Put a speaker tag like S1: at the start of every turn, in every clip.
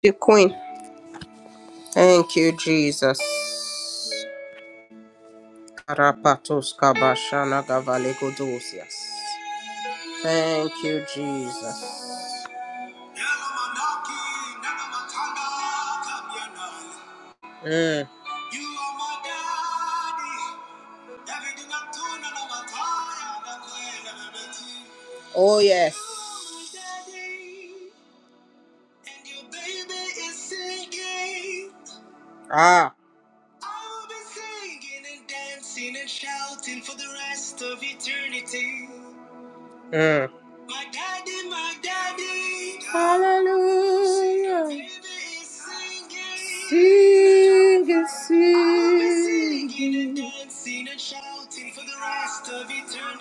S1: The Queen. Thank you, Jesus. Karapatos kabashana gavalegodosias. Thank you, Jesus. Mm. You are my daddy. Everything I'm doing, I know my time. I'm glad I met you. Oh yes. Daddy, and your baby is singing. Ah. I'll be singing and dancing and shouting for the rest of eternity. Uh. My daddy, my daddy. Hallelujah. Baby is Singing, singing. singing. I'll be singing and dancing and shouting for the rest of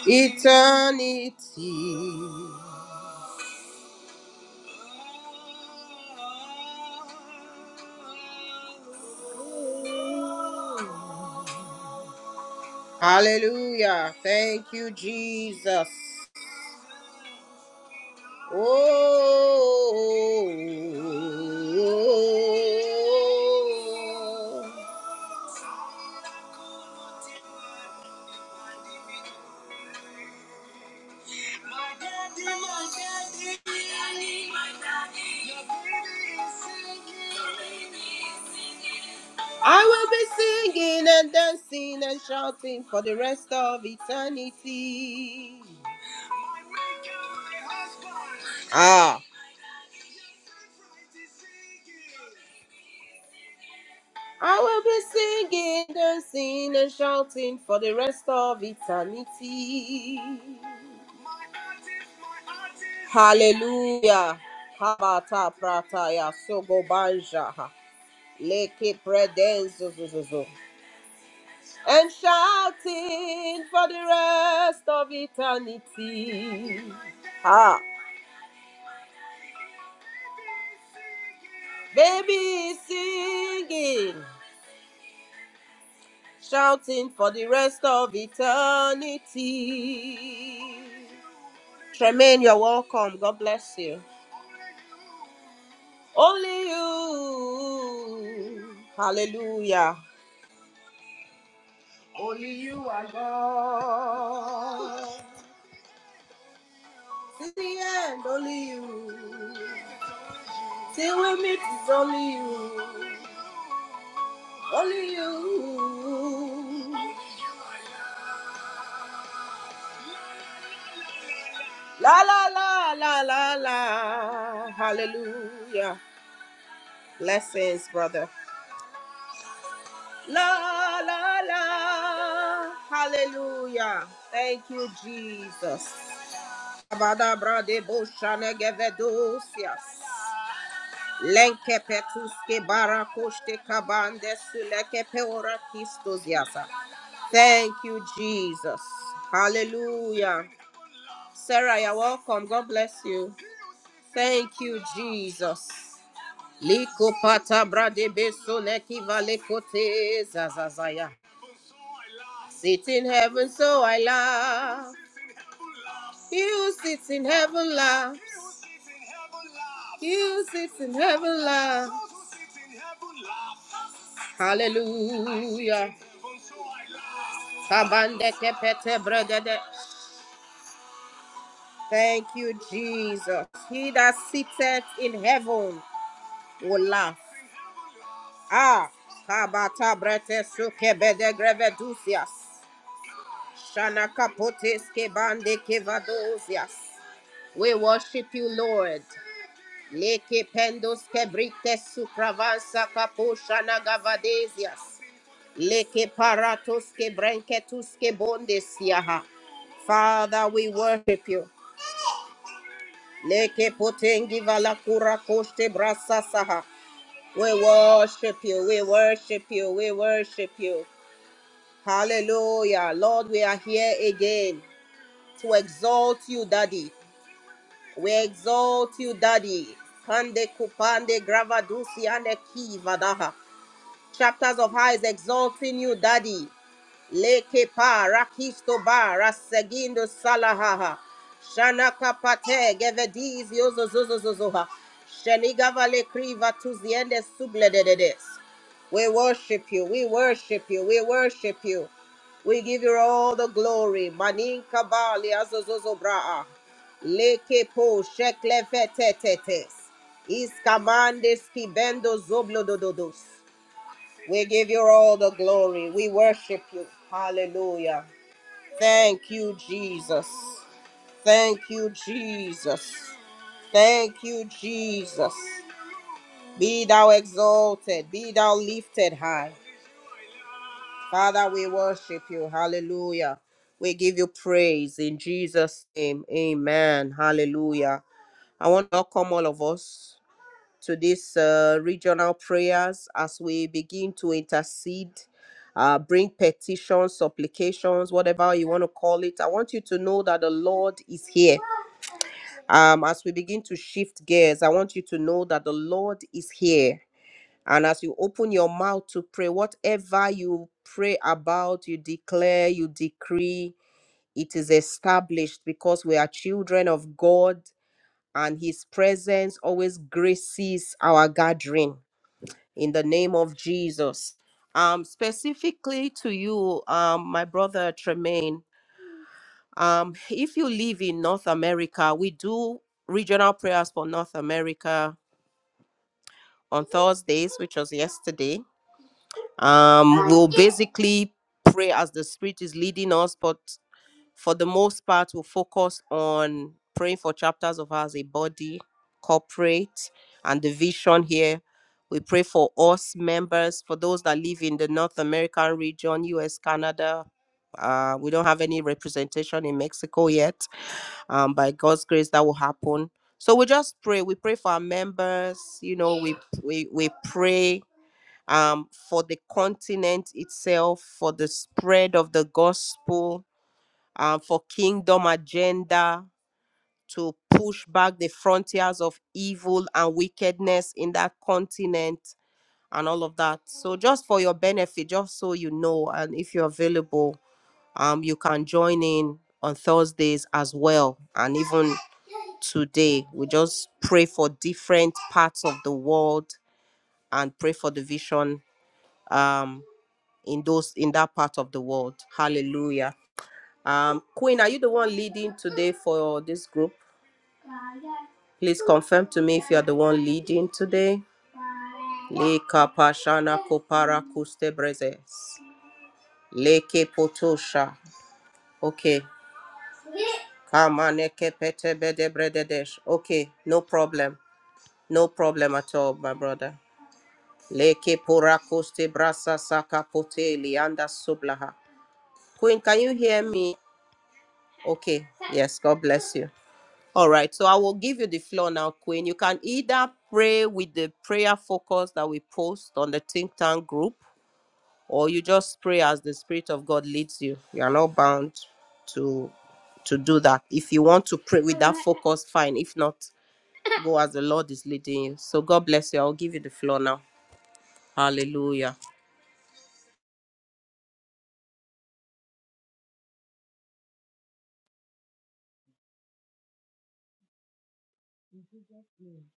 S1: eternity. Eternity. Hallelujah. Thank you, Jesus. Oh, my daddy, my daddy, my daddy, your baby is singing. Your baby is singing. I will be singing and dancing and shouting for the rest of eternity. Ah. I will be singing, dancing, and shouting for the rest of eternity. Hallelujah. Habata prataya sogo banja. Leke predenzo zuzuzu. And shouting for the rest of eternity. Ah! Baby is singing, shouting for the rest of eternity. Tremaine, you're welcome. God bless you. Only you. Hallelujah. Only you are God. Till the end, only you. Till we meet, it's only you. Only you. La la la la la la. Hallelujah. Blessings, brother. La la la. Hallelujah. Thank you, Jesus. Abadabra de boshane gevedosias. Lenke petuske barakoshte kabande suleke peora kistosiasa. Thank you, Jesus. Hallelujah. Sarah, you're welcome. God bless you. Thank you, Jesus. Liko pata brade beso neki vale kote zazazaya. Sit in heaven, so I laugh. You sit in heaven, laugh. You sit in heaven, laugh. Hallelujah. Kabande kepete bregede. Thank you, Jesus. He that sitteth in heaven will laugh. Ah, kabata brete suke bede grevedusias. Shana kapotes ke bande ke vadosias. We worship you, Lord. Leke pendos ke brite sukravansa kapo shana gavadesias. Leke paratos ke brenketus ke bondesiaha. Father, we worship you. Leke potengi valakura koste brasa saha. We worship you, we worship you, we worship you. Hallelujah. Lord, we are here again to exalt you, Daddy. We exalt you, Daddy. Kande kupande gravadusi ande kivadaha. Chapters of high is exalting you, Daddy. Leke pa rakisto ba rasegindo salahaha. Shanaka pate gevediz yozo zozo zozo Shenigava le kriva tuziende sublededes. We worship you, we worship you, we worship you. We give you all the glory. Maninka ba li azozozo braa. Leke po shekle fetetetes. Iskamande skibendo zoblodododos. We give you all the glory. We worship you. Hallelujah. Thank you, Jesus. Thank you, Jesus. Thank you, Jesus. Be thou exalted. Be thou lifted high. Father, we worship you. Hallelujah. We give you praise in Jesus' name. Amen. Hallelujah. I want to welcome all of us. to these uh, regional prayers as we begin to intercede, uh, bring petitions, supplications, whatever you want to call it. I want you to know that the Lord is here. Um, as we begin to shift gears, I want you to know that the Lord is here. And as you open your mouth to pray, whatever you pray about, you declare, you decree, it is established because we are children of God and His presence always graces our gathering in the name of Jesus. Um, specifically to you, um, my brother Tremaine, um, if you live in North America, we do regional prayers for North America on Thursdays, which was yesterday. Um, we'll basically pray as the Spirit is leading us, but for the most part, we'll focus on praying for chapters of us, a body, corporate, and the vision here. We pray for us members, for those that live in the North American region, US, Canada. Uh, we don't have any representation in Mexico yet. Um, by God's grace, that will happen. So we just pray. We pray for our members. You know, we we we pray um, for the continent itself, for the spread of the gospel um, for kingdom agenda to push back the frontiers of evil and wickedness in that continent and all of that. So just for your benefit, just so you know, and if you're available, um, you can join in on Thursdays as well, and even today we just pray for different parts of the world and pray for the vision um in those in that part of the world hallelujah Um, Queen, are you the one leading today for this group? Please confirm to me if you are the one leading today. Leka pashana kopara kuste brezes. Leke potosha. Okay. Kamane pete bede brededesh. Okay, no problem. No problem at all, my brother. Leke pora kuste brasa saka pote lianda sublaha. Queen, can you hear me? Okay. Yes, God bless you. All right, so I will give you the floor now, Queen. You can either pray with the prayer focus that we post on the think tank group, or you just pray as the Spirit of God leads you. You are not bound to to do that. If you want to pray with that focus, fine. If not, go as the Lord is leading you. So God bless you. I'll give you the floor now. Hallelujah.
S2: In Jesus' name.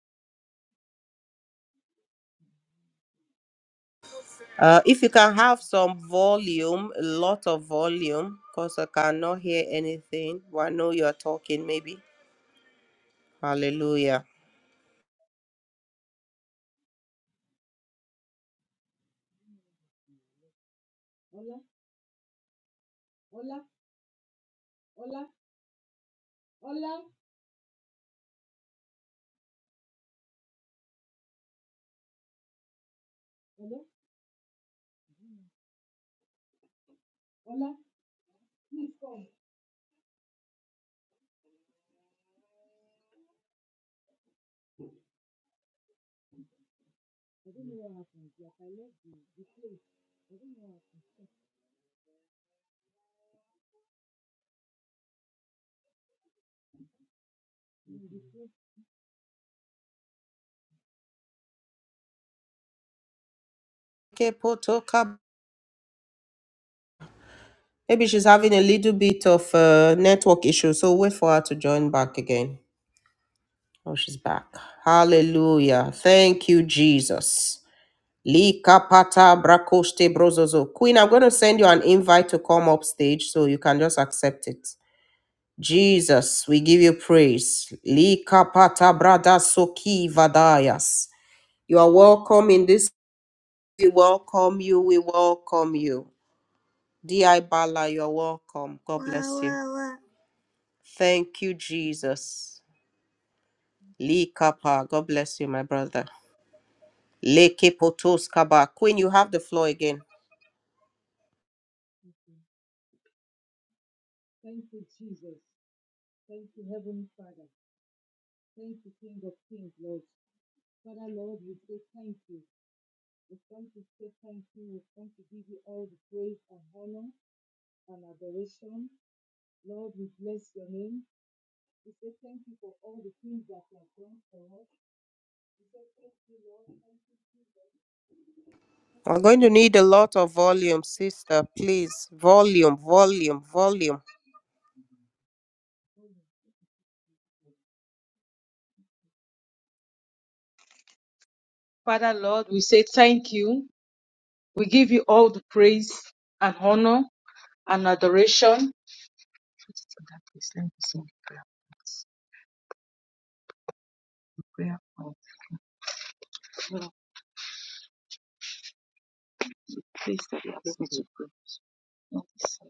S1: Uh, if you can have some volume, a lot of volume, because I cannot hear anything. Well, I know you're talking, maybe. Hallelujah.
S2: Ola, Ola, Ola, Ola, Ola, Ola. I don't know what happened. Like I left the, the place. I don't know what happened. The place
S1: Okay, Poto, come. Maybe she's having a little bit of uh, network issue, so wait for her to join back again. Oh, she's back. Hallelujah. Thank you, Jesus. Lika pata brakoste brozozo. Queen, I'm going to send you an invite to come up stage so you can just accept it. Jesus, we give you praise. Lika pata brada soki vadayas. You are welcome in this. We welcome you. We welcome you. Di Bala, you're welcome. God Wah, bless you. wah, wah. Thank you, Jesus. Lee Kappa, God bless you, my brother. Leke Potos Kaba. Queen, you have the floor again.
S2: Thank you, Jesus. Thank you, Heavenly Father. Thank you, King of Kings, Lord. Father, Lord, we say thank you. We come to say thank you. We come to give you all the praise and honor and adoration. Lord, we bless your name. We say thank you for all the things that you have done for us. We say thank you, Lord. Thank you, Jesus.
S1: I'm going to need a lot of volume, sister, please. Volume, volume, volume.
S2: Father Lord, we say thank you. We give you all the praise and honor and adoration. Please do that, please. Let me sing the prayer. Prayer point. No, please, that you ask me to pray. Not this side.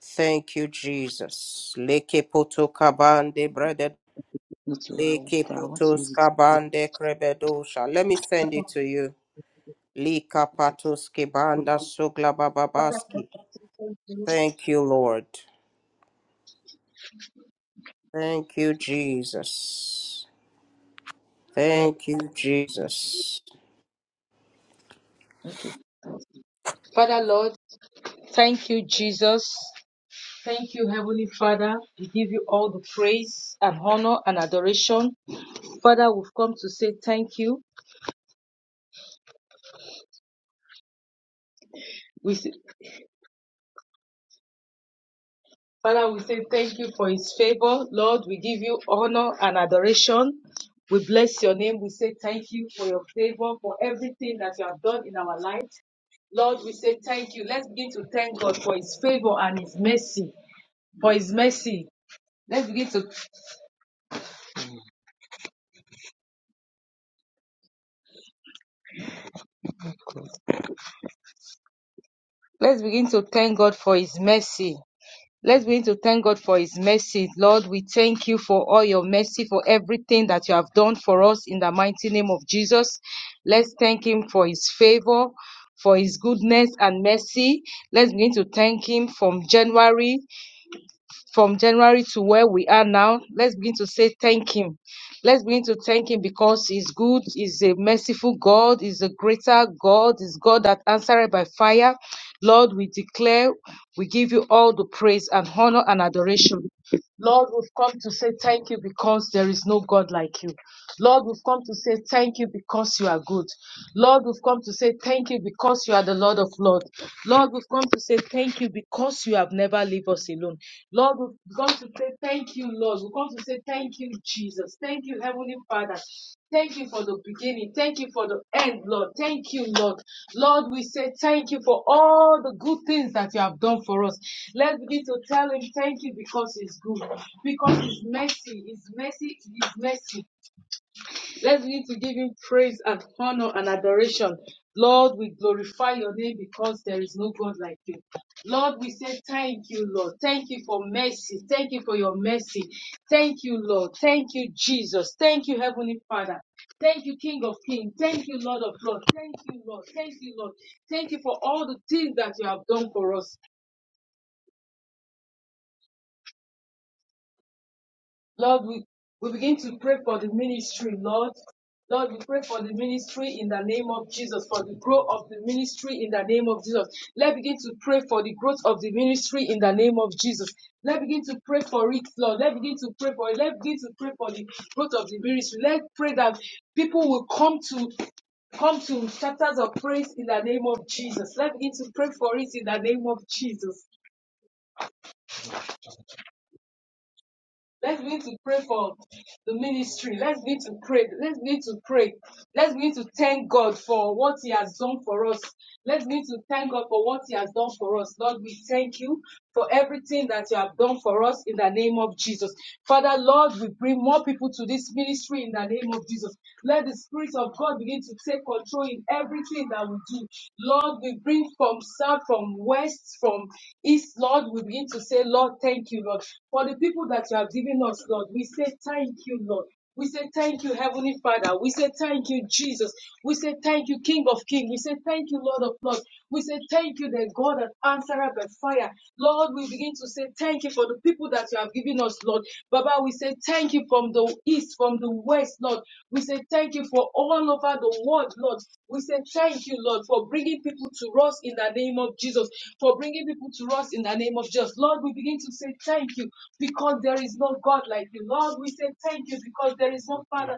S1: Thank you, Jesus. Leke Poto Kabande, brother.
S2: Not to I want,
S1: Leke
S2: I want to use
S1: Potos
S2: it.
S1: Kabande, Krebedosha. Let me send it to you. Lika Patos Kibanda Sugla
S2: Father Lord,
S1: Bababaski.
S2: we say thank you.
S1: Thank you, Lord. Thank you, Jesus. Thank you, Jesus.
S2: Okay. Father Lord, thank you, Jesus. Thank you, Heavenly Father. We give you all the praise and honor and adoration. Father, we've come to say thank you. We. Father, we say thank you for his favor. Lord, we give you honor and adoration. We bless your name. We say thank you for your favor, for everything that you have done in our life. Lord, we say thank you. Let's begin to thank God for his favor and his mercy. For his mercy. Let's begin to let's begin to thank God for his mercy. Let's begin to thank God for His mercy. Lord, we thank you for all your mercy, for everything that you have done for us in the mighty name of Jesus. Let's thank Him for His favor, for His goodness and mercy. Let's begin to thank Him from January from January to where we are now, let's begin to say thank Him. Let's begin to thank Him because He's good, He's a merciful God, He's a greater God, He's God that answered by fire. Lord, we declare, we give you all the praise and honor and adoration. Lord, we've come to say thank you because there is no God like you. Lord, we've come to say thank you because you are good. Lord, we've come to say thank you because you are the Lord of Lords. Lord, we've come to say thank you because you have never leave us alone. Lord, we've come to say thank you, Lord. We've come to say Thank you, Jesus. Thank you, Heavenly Father. Thank you for the beginning. Thank you for the end, Lord. Thank you, Lord. Lord, we say thank you for all the good things that you have done for us. Let's begin to tell him thank you because he's good, because his mercy, his mercy, his mercy. Let's begin to give him praise and honor and adoration. Lord, we glorify your name because there is no God like you. Lord, we say thank you, Lord. Thank you for mercy. Thank you for your mercy. Thank you, Lord. Thank you, Jesus. Thank you, Heavenly Father. Thank you, King of Kings. Thank you, Lord of Lords. Thank you, Lord. Thank you, Lord. Thank you for all the things that you have done for us. Lord, we, we begin to pray for the ministry, Lord. Lord, we pray for the ministry in the name of Jesus, for the growth of the ministry in the name of Jesus. Let's begin to pray for the growth of the ministry in the name of Jesus. Let's begin to pray for it, Lord. Let's begin to pray for it. Let's begin to pray for the growth of the ministry. Let's pray that people will come to come to chapters of praise in the name of Jesus. Let's begin to pray for it in the name of Jesus. Let's begin to pray for the ministry. Let's begin to pray. Let's begin to pray. Let's begin to thank God for what He has done for us. Let's begin to thank God for what He has done for us. Lord, we thank you for everything that you have done for us in the name of Jesus. Father, Lord, we bring more people to this ministry in the name of Jesus. Let the Spirit of God begin to take control control in everything that we do. Lord, we bring from south, from west, from east. Lord, we begin to say, Lord, thank you, Lord. For the people that you have given us, Lord, we say, thank you, Lord. We say thank you, Heavenly Father. We say thank you, Jesus. We say thank you, King of Kings. We say thank you, Lord of Lords. We say thank you, the God that answered by fire. Lord, we begin to say thank you for the people that you have given us, Lord. Baba, we say thank you from the east, from the west, Lord. We say thank you for all over the world, Lord. We say thank you, Lord, for bringing people to us in the name of Jesus, for bringing people to us in the name of Jesus. Lord, we begin to say thank you because there is no God like you. Lord, we say thank you because there is no Father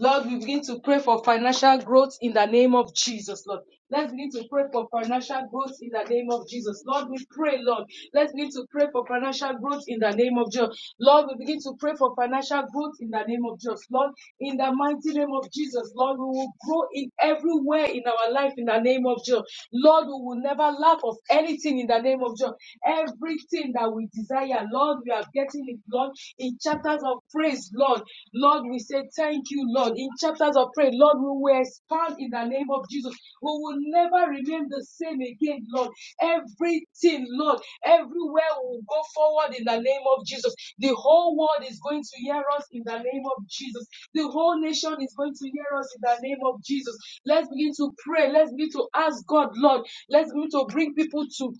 S2: Lord, we begin to pray for financial growth in the name of Jesus, Lord. Let's begin to pray for financial growth in the name of Jesus. Lord, we pray, Lord. Let's begin to pray for financial growth in the name of Jesus. Lord, we begin to pray for financial growth in the name of Jesus. Lord, in the mighty name of Jesus, Lord, we will grow in everywhere in our life in the name of Jesus. Lord, we will never lack of anything in the name of Jesus. Everything that we desire, Lord, we are getting it with God in chapters of praise, Lord. Lord, we say thank you, Lord. In chapters of praise, Lord, we will expand in the name of Jesus. We will never remain the same again, Lord. Everything, Lord, everywhere will go forward in the name of Jesus. The whole world is going to hear us in the name of Jesus. The whole nation is going to hear us in the name of Jesus. Let's begin to pray. Let's begin to ask God, Lord. Let's begin to bring people to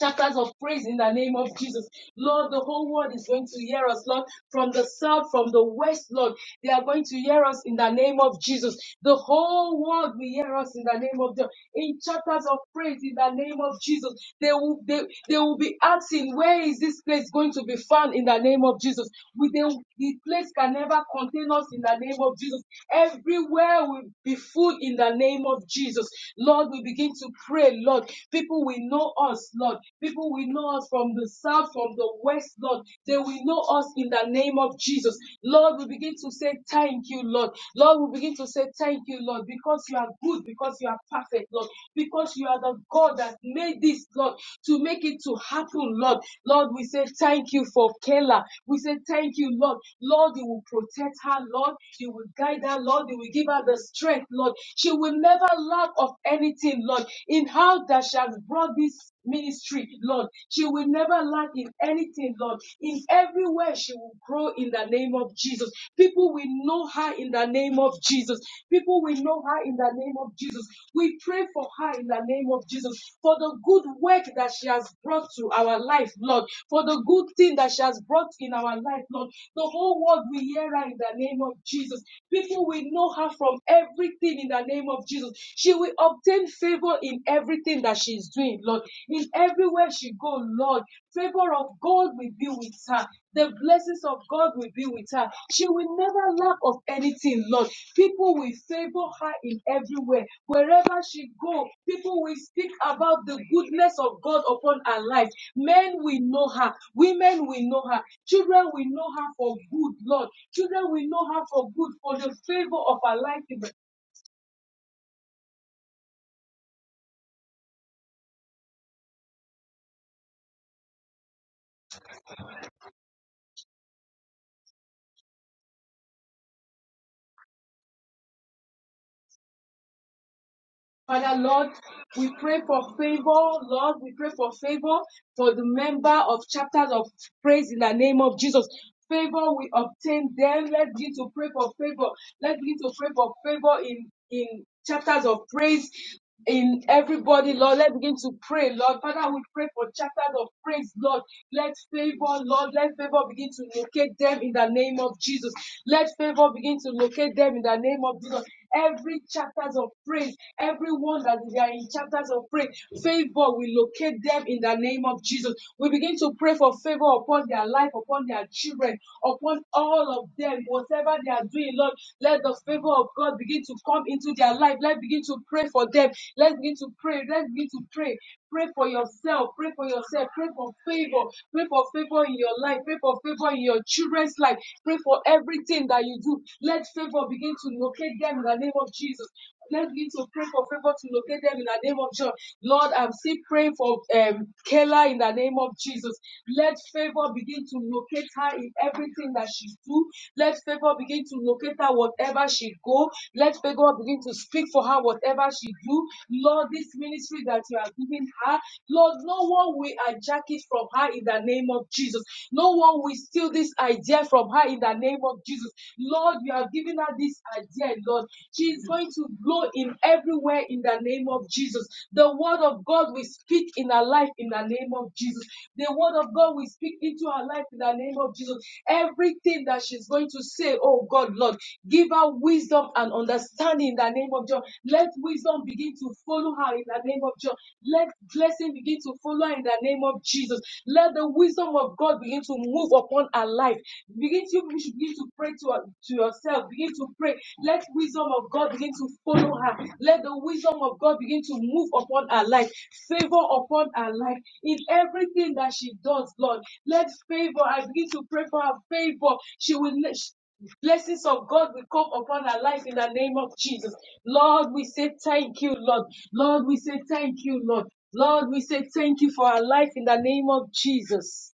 S2: chapters of praise in the name of Jesus. Lord, the whole world is going to hear us, Lord, from the south, from the west, Lord. They are going to hear us in the name of Jesus. The whole world will hear us in the name of the in chapters of praise in the name of Jesus. They will they, they will be asking, Where is this place going to be found in the name of Jesus? We they, the place can never contain us in the name of Jesus. Everywhere will be full in the name of Jesus. Lord, we begin to pray, Lord. People will know us, Lord. People will know us from the south, from the west, Lord. They will know us in the name of Jesus. Lord, we begin to say thank you, Lord. Lord, we begin to say thank you, Lord, because you are good, because you are perfect, Lord, because you are the God that made this, Lord, to make it to happen, Lord. Lord, we say thank you for Kela. We say we say, Thank you, Lord. Lord, you will protect her, Lord. You will guide her, Lord. You will give her the strength, Lord. She will never lack of anything, Lord. In how that she has brought this ministry, Lord. She will never lack in anything, Lord. In everywhere, she will grow in the name of Jesus. People will know her in the name of Jesus. People will know her in the name of Jesus. We pray for her in the name of Jesus for the good work that she has brought to our life, Lord, for the good thing that she has brought in our life, Lord. The whole world will hear her in the name of Jesus. People will know her from everything in the name of Jesus. She will obtain favor in everything that she is doing, Lord. In everywhere she goes, Lord, favor of God will be with her. The blessings of God will be with her. She will never lack of anything, Lord. People will favor her in every way. Wherever she go, people will speak about the goodness of God upon her life. Men will know her. Women will know her. Children will know her for good, Lord. Children will know her for good, for the favor of her life is Father, Lord, we pray for favor. Lord, we pray for favor for the member of chapters of praise in the name of Jesus. Favor we obtain them. Let's begin to pray for favor. Let's begin to pray for favor in, in chapters of praise in everybody, Lord. Let's begin to pray, Lord. Father, we pray for chapters of praise, Lord. Let favor, Lord, let favor begin to locate them in the name of Jesus. Let favor begin to locate them in the name of Jesus. Every chapters of praise, everyone that they are in chapters of praise, favor will locate them in the name of Jesus. We begin to pray for favor upon their life, upon their children, upon all of them, whatever they are are doing, Lord, let the favor of God begin to come into their life. Let's begin to pray for them. Let's begin to pray. Let's begin to pray. Pray for yourself. Pray for yourself. Pray for favor. Pray for favor in your life. Pray for favor in your children's life. Pray for everything that you do. Let favor begin to locate them in the name of Jesus. Let's begin to pray for favor to locate them in the name of Jesus. Lord, I'm still praying for um, Kayla in the name of Jesus. Let favor begin to locate her in everything that she do. Let favor begin to locate her whatever she go. Let favor begin to speak for her whatever she do. Lord, this ministry that you are giving her, Lord, no one will hijack it from her in the name of Jesus. No one will steal this idea from her in the name of Jesus. Lord, you have given giving her this idea, Lord. She is going to blow in everywhere in the name of Jesus. The word of God we speak in her life in the name of Jesus. The word of God we speak into her life in the name of Jesus. Everything that she's going to say, oh God, Lord, give her wisdom and understanding in the name of John. Let wisdom begin to follow her in the name of John. Let blessing begin to follow her in the name of Jesus. Let the wisdom of God begin to move upon her life. Begin to you should begin to pray to, to yourself. Begin to pray. Let wisdom of God begin to follow her. Let the wisdom of God begin to move upon her life, favor upon her life in everything that she does, Lord. Let favor. I begin to pray for her favor. She will. Blessings of God will come upon our life in the name of Jesus. Lord, we say thank you, Lord. Lord, we say thank you, Lord. Lord, we say thank you for our life in the name of Jesus.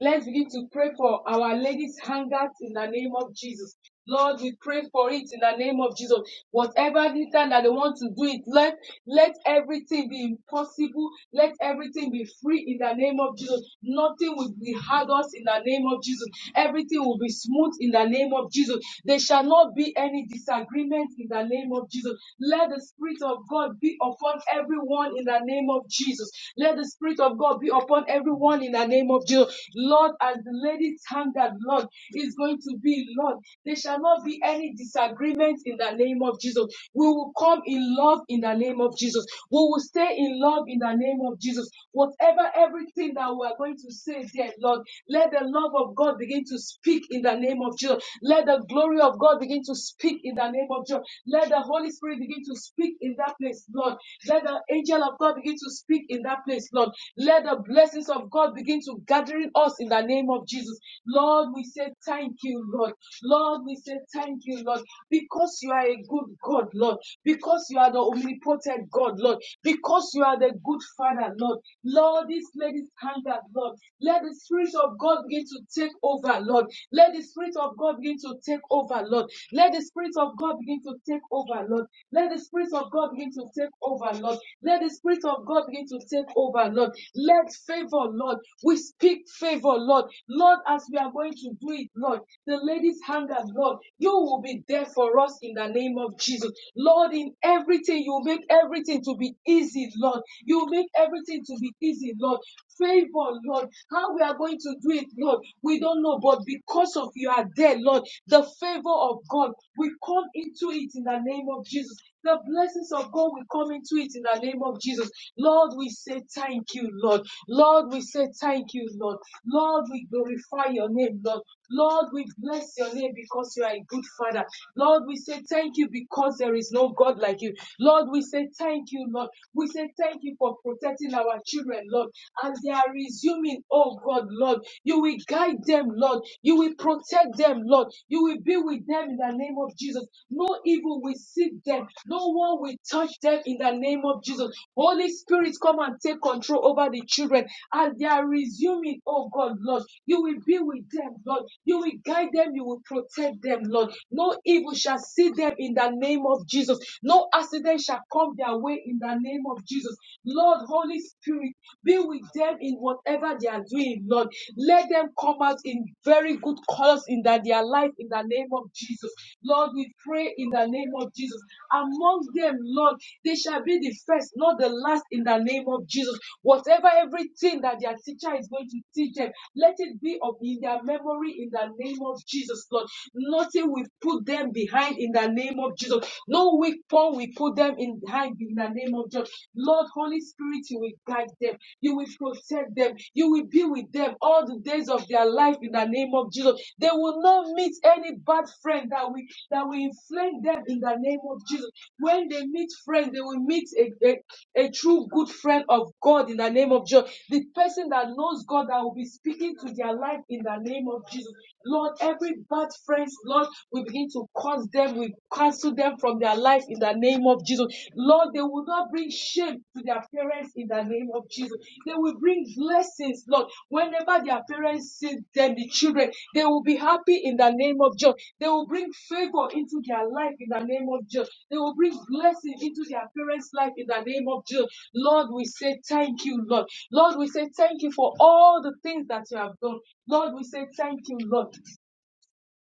S2: Let's begin to pray for our ladies' hangers in the name of Jesus. Lord, we pray for it in the name of Jesus. Whatever the time that they want to do it, let, let everything be impossible. Let everything be free in the name of Jesus. Nothing will be hard us in the name of Jesus. Everything will be smooth in the name of Jesus. There shall not be any disagreement in the name of Jesus. Let the Spirit of God be upon everyone in the name of Jesus. Let the let the Spirit of God be upon everyone in the name of Jesus. Lord, as the ladies that Lord, is going to be, Lord, there shall not be any disagreement in the name of Jesus. We will come in love in the name of Jesus. We will stay in love in the name of Jesus. Whatever everything that we are going to say, dear Lord, let the love of God begin to speak in the name of Jesus. Let the glory of God begin to speak in the name of Jesus. Let the Holy Spirit begin to speak in that place place, Lord. Let the angel of God begin to speak in that place, Lord. Let the blessings of God begin to gather in us in the name of Jesus. Lord, we say thank you, Lord. Lord, we say thank you, Lord, because you are a good God, Lord. Because you are the omnipotent God, Lord. Because you are the good Father, Lord. Lord, this lady's hand out, Lord. Let the Spirit of God begin to take over, Lord. Let the Spirit of God begin to take over, Lord. Let the Spirit of God God begin to take over, Lord. Let the Spirit of God begin to take over, Lord. Let the Spirit of God begin to take over, Lord. Let favor, Lord. We speak favor, Lord. Lord, as we are going to do it, Lord, the ladies' hunger, Lord, you will be there for us in the name of Jesus. Lord, in everything, you make everything to be easy, Lord. You make everything to be easy, Lord. Favor, Lord. How we are going to do it, Lord, we don't know, but because of you are there, Lord, the favor of God, we come into it in the name of Jesus. The blessings of God will come into it in the name of Jesus. Lord, we say thank you, Lord. Lord, we say thank you, Lord. Lord, we glorify your name, Lord. Lord, we bless your name because you are a good father. Lord, we say thank you because there is no God like you. Lord, we say thank you, Lord. We say thank you for protecting our children, Lord. And they are resuming, oh God. God, Lord. You will guide them, Lord. You will protect them, Lord. You will be with them in the name of Jesus. No evil will seek them. No one will touch them in the name of Jesus. Holy Spirit, come and take control over the children as they are resuming, oh God, Lord. You will be with them, Lord. You will guide them. You will protect them, Lord. No evil shall see them in the name of Jesus. No accident shall come their way in the name of Jesus. Lord, Holy Spirit, be with them in whatever they are doing, Lord. Let them come out in very good colors in that their life in the name of Jesus. Lord, we pray in the name of Jesus. Among them, Lord, they shall be the first, not the last, in the name of Jesus. Whatever everything that their teacher is going to teach them, let it be of in their memory in the name of Jesus, Lord. Nothing will put them behind in the name of Jesus. No weak point will put them in in hide in the name of Jesus. Lord, Holy Spirit, you will guide them, you will protect them, you will be with them all the days of their life in the name of Jesus. They will not meet any bad friend that will that will inflame them in the name of Jesus. When they meet friends, they will meet a, a, a true good friend of God in the name of Jesus. The person that knows God that will be speaking to their life in the name of Jesus. Lord, every bad friends, Lord, we begin to cause curse them, we cancel them from their life in the name of Jesus. Lord, they will not bring shame to their parents in the name of Jesus. They will bring blessings, Lord. Whenever their parents see them, the children, they will be happy in the name of Jesus. They will bring favor into their life in the name of Jesus. They will bring blessing into their parents' life in the name of Jesus. Lord, we say thank you, Lord. Lord, we say thank you for all the things that you have done. Lord, we say thank you, Lord.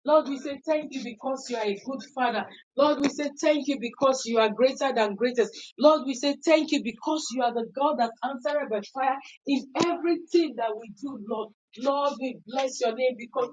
S2: Lord, we say thank you because you are a good father. Lord, we say thank you because you are greater than greatest. Lord, we say thank you because you are the God that answered by fire in everything that we do, Lord. Lord, we bless your name because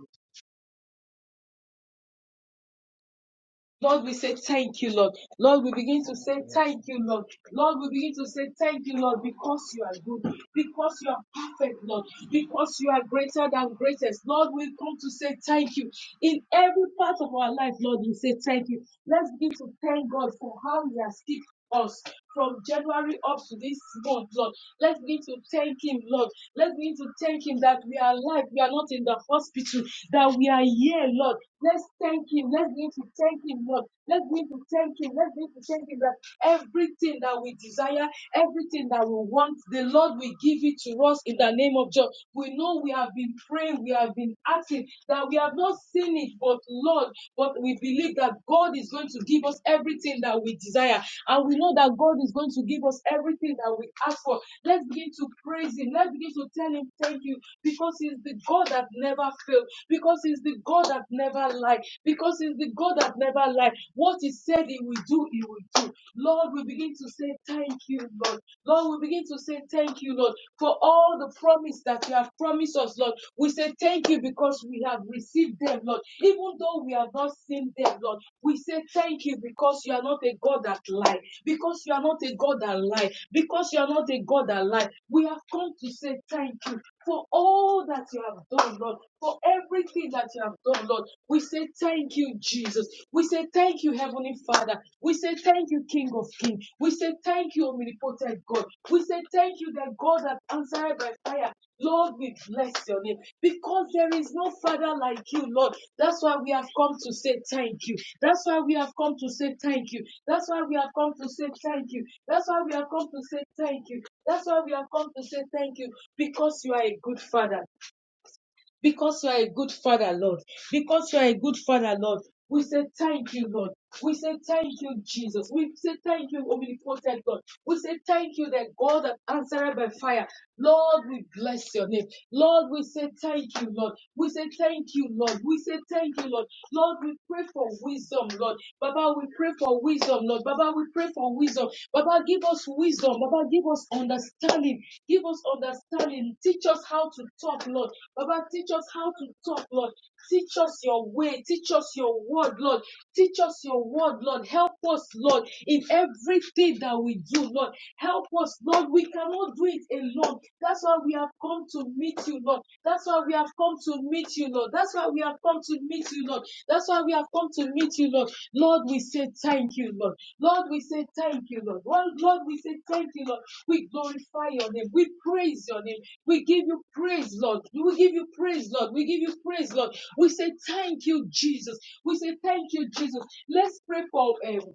S2: Lord, we say thank you, Lord. Lord, we begin to say thank you, Lord. Lord, we begin to say thank you, Lord, because you are good, because you are perfect, Lord, because you are greater than greatest. Lord, we come to say thank you. In every part of our life, Lord, we say thank you. Let's begin to thank God for how He has kept us from January up to this month, Lord. Let's begin to thank Him, Lord. Let's begin to thank Him that we are alive, we are not in the hospital, that we are here, Lord. Let's thank Him. Let's begin to thank Him, Lord. Let's begin to thank Him. Let's begin to thank Him that everything that we desire desire, everything that we want, the Lord will give it to us in the name of Jesus. We know we have been praying, we have been asking that we have not seen it, but Lord, but we believe that God is going to give us everything that we desire, and we know that God is going to give us everything that we ask for Let's begin to praise Him. Let's begin to tell Him thank you because He's the God that never fails, because He's the God that never lied, because He's the God that never lied. What He said He will do, He will do. Lord, we begin to say thank you, Lord. Lord, we begin to say thank you, Lord, for all the promise that you have promised us, Lord. We say thank you because we have received them, Lord. Even though we have not seen them, Lord, we say thank you because you are not a God that lies. Because you are not a God that lies. Because you are not a God that lies. We have come to say thank you for all that you have done, Lord. For everything that you have done, Lord. We say thank you, Jesus. We say thank you, Heavenly Father. We say thank you, King of Kings. We say thank you, Omnipotent God. We say thank you, the God that answered by fire. Lord, we bless your name because there is no Father like you, Lord. That's why we have come to say thank you. That's why we have come to say thank you. That's why we have come to say thank you. That's why we have come to say thank you. That's why we have come to say thank you because you are a good Father. Because you are a good father, Lord. Because you are a good father, Lord. We say thank you, Lord. We say thank you, Jesus. We say thank you, omnipotent God. We say thank you, that God that answered by fire. Lord, we bless your name. Lord, we say thank you, Lord. We say thank you, Lord. We say thank you, Lord. Lord, we pray for wisdom, Lord. Baba, we pray for wisdom, Lord. Baba, Father, we pray for wisdom. Baba, give us wisdom. Baba, give us understanding. Give us understanding. Teach us how to talk, Lord. Baba, teach us how to talk, Lord. Teach us your way. Teach us your word, Lord. Teach us your word, Lord. Help us, Lord, in everything that we do, Lord. Help us, Lord. We cannot do it alone. That's why we have come to meet you, Lord. That's why we have come to meet you, Lord. That's why we have come to meet you, Lord. That's why we have come to meet you, Lord. Lord, we say thank you, Lord. Lord, we say thank you, Lord. Lord, Lord, we say thank you, Lord. We glorify your name. We praise your name. We give you praise, Lord. We give you praise, Lord. We give you praise, Lord. We say thank you, Jesus. We say thank you, Jesus. Let's pray for um,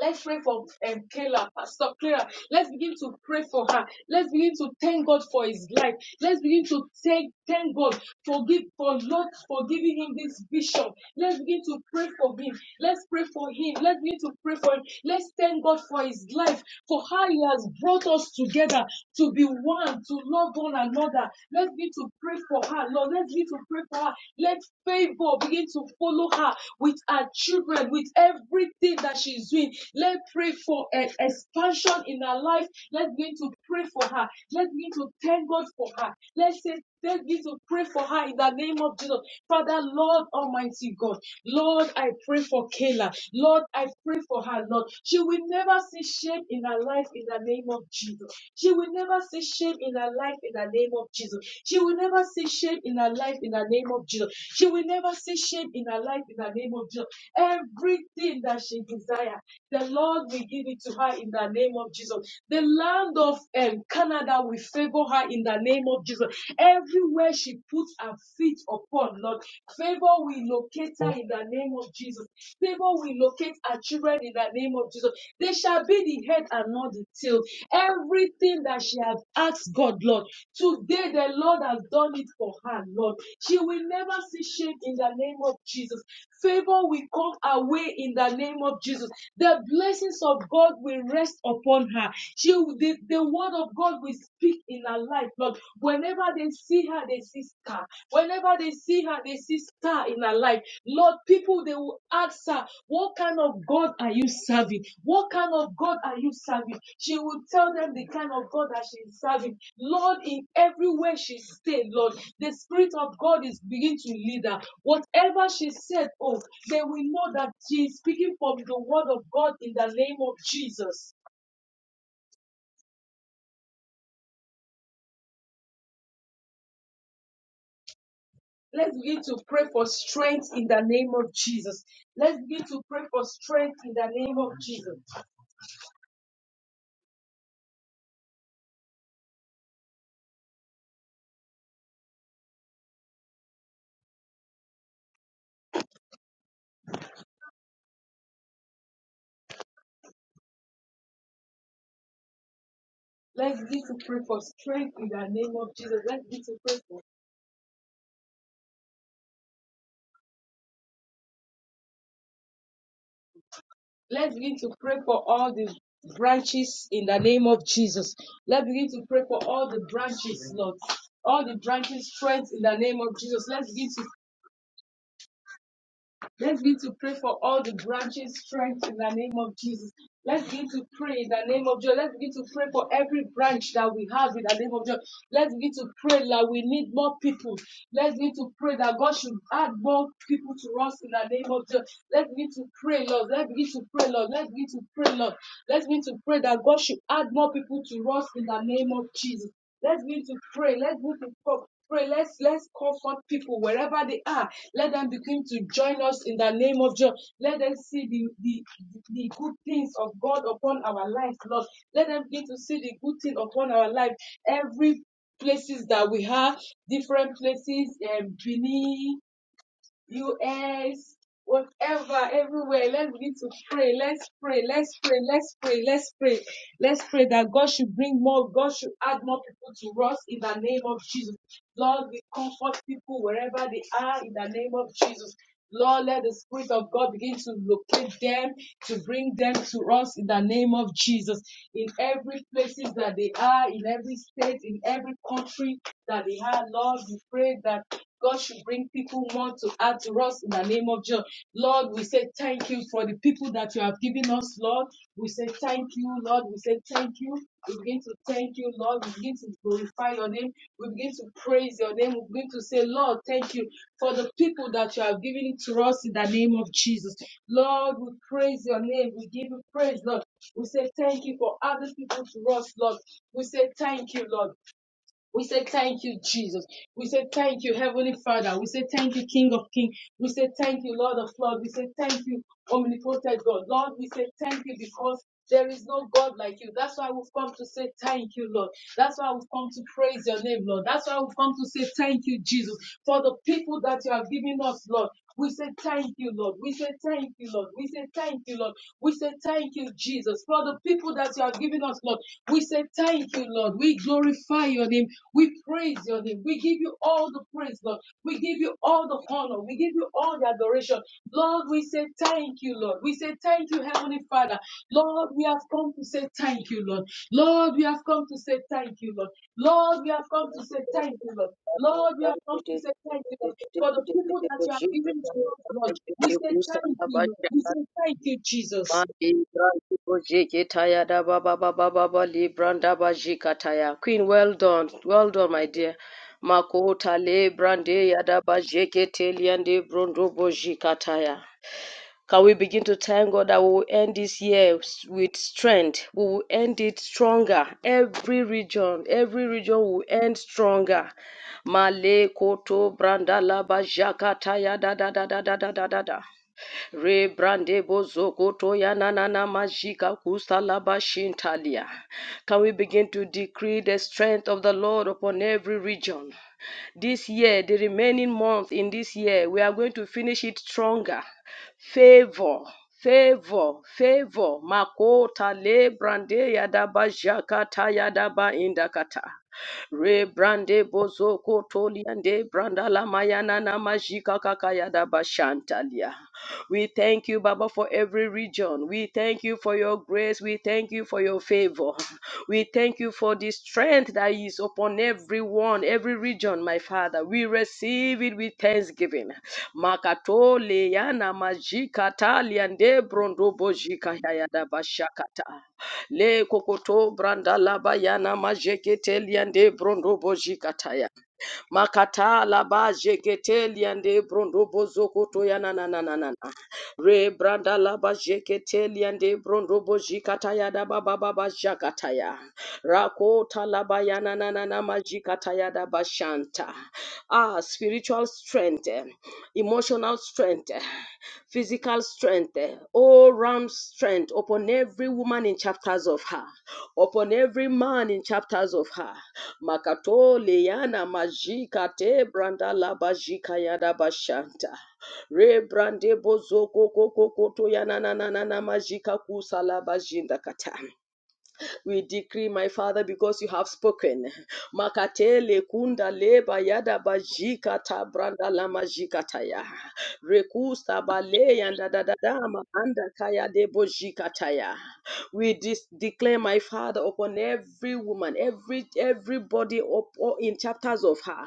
S2: Let's pray for um, Kayla, Pastor Clara. Let's begin to pray for her. Let's begin to thank God for his life. Let's begin to thank, thank God for give, for Lord for giving him this vision. Let's begin to pray for him. Let's pray for him. Let's begin to pray for him. Let's thank God for his life, for how he has brought us together to be one, to love one another. Let's begin to pray for her, Lord. Let's begin to pray for her her. Let favor begin to follow her with her children, with everything that she's doing. Let pray for an expansion in her life. Let's begin to pray for her. Let's begin to thank God for her. Let's say, let's begin to pray for her in the name of Jesus. Father, Lord Almighty God, Lord, I pray for Kayla. Lord, I pray for her, Lord. She will never see shame in her life in the name of Jesus. She will never see shame in her life in the name of Jesus. She will never see shame in her life in the name of Jesus. She will never see shame in her life in the name of Jesus. Everything that she desires. The Lord will give it to her in the name of Jesus. The land of um, Canada will favor her in the name of Jesus. Everywhere she puts her feet upon, Lord, favor will locate her in the name of Jesus. Favor will locate her children in the name of Jesus. They shall be the head and not the tail. Everything that she has asked God, Lord. Lord. Today, the Lord has done it for her, Lord. She will never see shame in the name of Jesus. Favor will come her way in the name of Jesus. The blessings of God will rest upon her. She, the, the word of God will speak in her life, Lord. Whenever they see her, they see star. Whenever they see her, they see star in her life. Lord, people they will ask her, What kind of God are you serving? What kind of God are you serving? She will tell them the kind of God that she is serving. Lord, in everywhere she stayed, Lord, the Spirit of God is beginning to lead her. Whatever she said, oh, they will know that she is speaking from the word of God in the name of Jesus. Let's begin to pray for strength in the name of Jesus. Let's begin to pray for strength in the name of Jesus. Let's begin to pray for strength in the name of Jesus. Let's begin to pray for. Let's begin to pray for all the branches in the name of Jesus. Let's begin to pray for all the branches, Lord. All the branches, strength in the name of Jesus. Let's begin to Let's begin to pray for all the branches' strength in the name of Jesus. Let's begin to pray in the name of Jesus. Let's begin to pray for every branch that we have in the name of Jesus. Let's begin to pray that we need more people. Let's begin to pray that God should add more people to us in the name of Jesus. Let's begin to pray, Lord. Let's begin to pray, Lord. Let's begin to pray, Lord. Let's begin to pray that God should add more people to us in the name of Jesus. Let's begin to pray. Let's begin to pro- pray. Let's let's comfort people wherever they are. Let them begin to join us in the name of Jesus. Let them see the, the, the good things of God upon our lives, Lord. Let them begin to see the good thing upon our life. Every places that we have, different places, um, Benin, US, whatever, everywhere. Let's begin to pray. Let's pray. Let's pray. Let's pray. Let's pray. Let's pray that God should bring more. God should add more people to us in the name of Jesus. Lord, we comfort people wherever they are in the name of Jesus. Lord, let the Spirit of God begin to locate them, to bring them to us in the name of Jesus. In every places that they are, in every state, in every country that they are, Lord, we pray that God should bring people more to add to us in the name of Jesus. Lord, we say thank you for the people that you have given us, Lord. We say thank you, Lord. We say thank you. We begin to thank you, Lord. We begin to glorify your name. We begin to praise your name. We begin to say, Lord, thank you for the people that you have given to us in the name of Jesus. Lord, we praise your name. We give you praise, Lord. We say thank you for other people to us, Lord. We say thank you, Lord. We say thank you, Jesus. We say thank you, Heavenly Father. We say thank you, King of Kings. We say thank you, Lord of Lords. We say thank you, Omnipotent God. Lord, we say thank you because there is no God like you. That's why we've come to say thank you, Lord. That's why we've come to praise your name, Lord. That's why we've come to say thank you, Jesus, for the people that you have given us, Lord. We say thank you, Lord. We say thank you, Lord. We say thank you, Lord. We say thank you, Jesus, for the people that you have given us, Lord. We say thank you, Lord. We glorify your name. We praise your name. We give you all the praise, Lord. We give you all the honor. We give you all the adoration. Lord, we say thank you, Lord. We say thank you, Heavenly Father. Lord, we have come to say thank you, Lord. Lord, we have come to say thank you, Lord. Lord, we have come to say thank you, Lord. Lord, we have come to say thank you, Lord. For the people that you have given to us, Lord, we say thank you, Lord. We say thank you, Jesus.
S3: Queen, well done, well done, my dear. Makota le brande yada bajekete liande brondo bojikataya. Can we begin to thank God that we will end this year with strength? We will end it stronger. Every region, every region will end stronger. Male koto branda laba ya da da da da da da da da da. Re brande bozo koto ya na na na majika kusa laba shintalia. Can we begin to decree the strength of the Lord upon every region? this year, the remaining month in this year, we are going to finish it stronger. Favor. Favor, favor, makota le brande yadaba jakata yadaba indakata. Rebrande bozoko toliande brandala mayana namajika kaka yadaba shantalia. We thank you, Baba, for every region. We thank you for your grace. We thank you for your favor. We thank you for the strength that is upon everyone, every region, my Father. We receive it with thanksgiving. Makato leyana majikata liande brondo bojika yayada bashakata. Le kokoto branda laba yana majekete liande brondo bojikata Makata laba jekete liande brondo bozo koto ya na na na na na. na. Re branda laba jekete liande brondo boji kataya da ba ba ba ba jakata Rakota laba ya na na na na majikata da ba shanta. Ah, spiritual strength, eh, emotional strength, eh, physical strength, eh, all round strength upon every woman in chapters of her, upon every man in chapters of her. Makatole yana majika te branda la bajika yada bashanta. Re brande bozo koko koko to yana na na na na majika kusa la bajinda kata. We decree, my Father, because you have spoken. Makatele kunda leba yada bajika tabranda lama jikataya. Rekusta bale yanda dadadama anda kaya debo jikataya. We dis- declare, my Father, upon every woman, every everybody up or in chapters of her.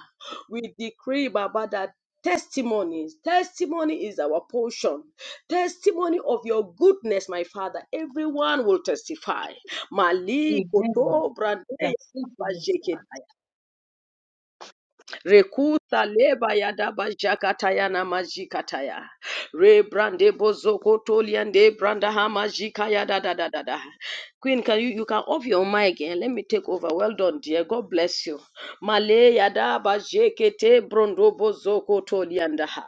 S3: We decree, Baba, that testimonies. Testimony is our portion. Testimony of your goodness, my Father. Everyone will testify. Mali
S2: Amen.
S3: koto brande ya
S2: That's it, Lord.
S3: bajeketa Rekuta leba ya daba jakataya na majikataya. Rebrande bozoko toliande branda hama jikaya da da da da da. Queen, can you you can off your mic again? Let me take over. Well done, dear. God bless you. Male yada daba jekete brondo bozoko tolianda ha.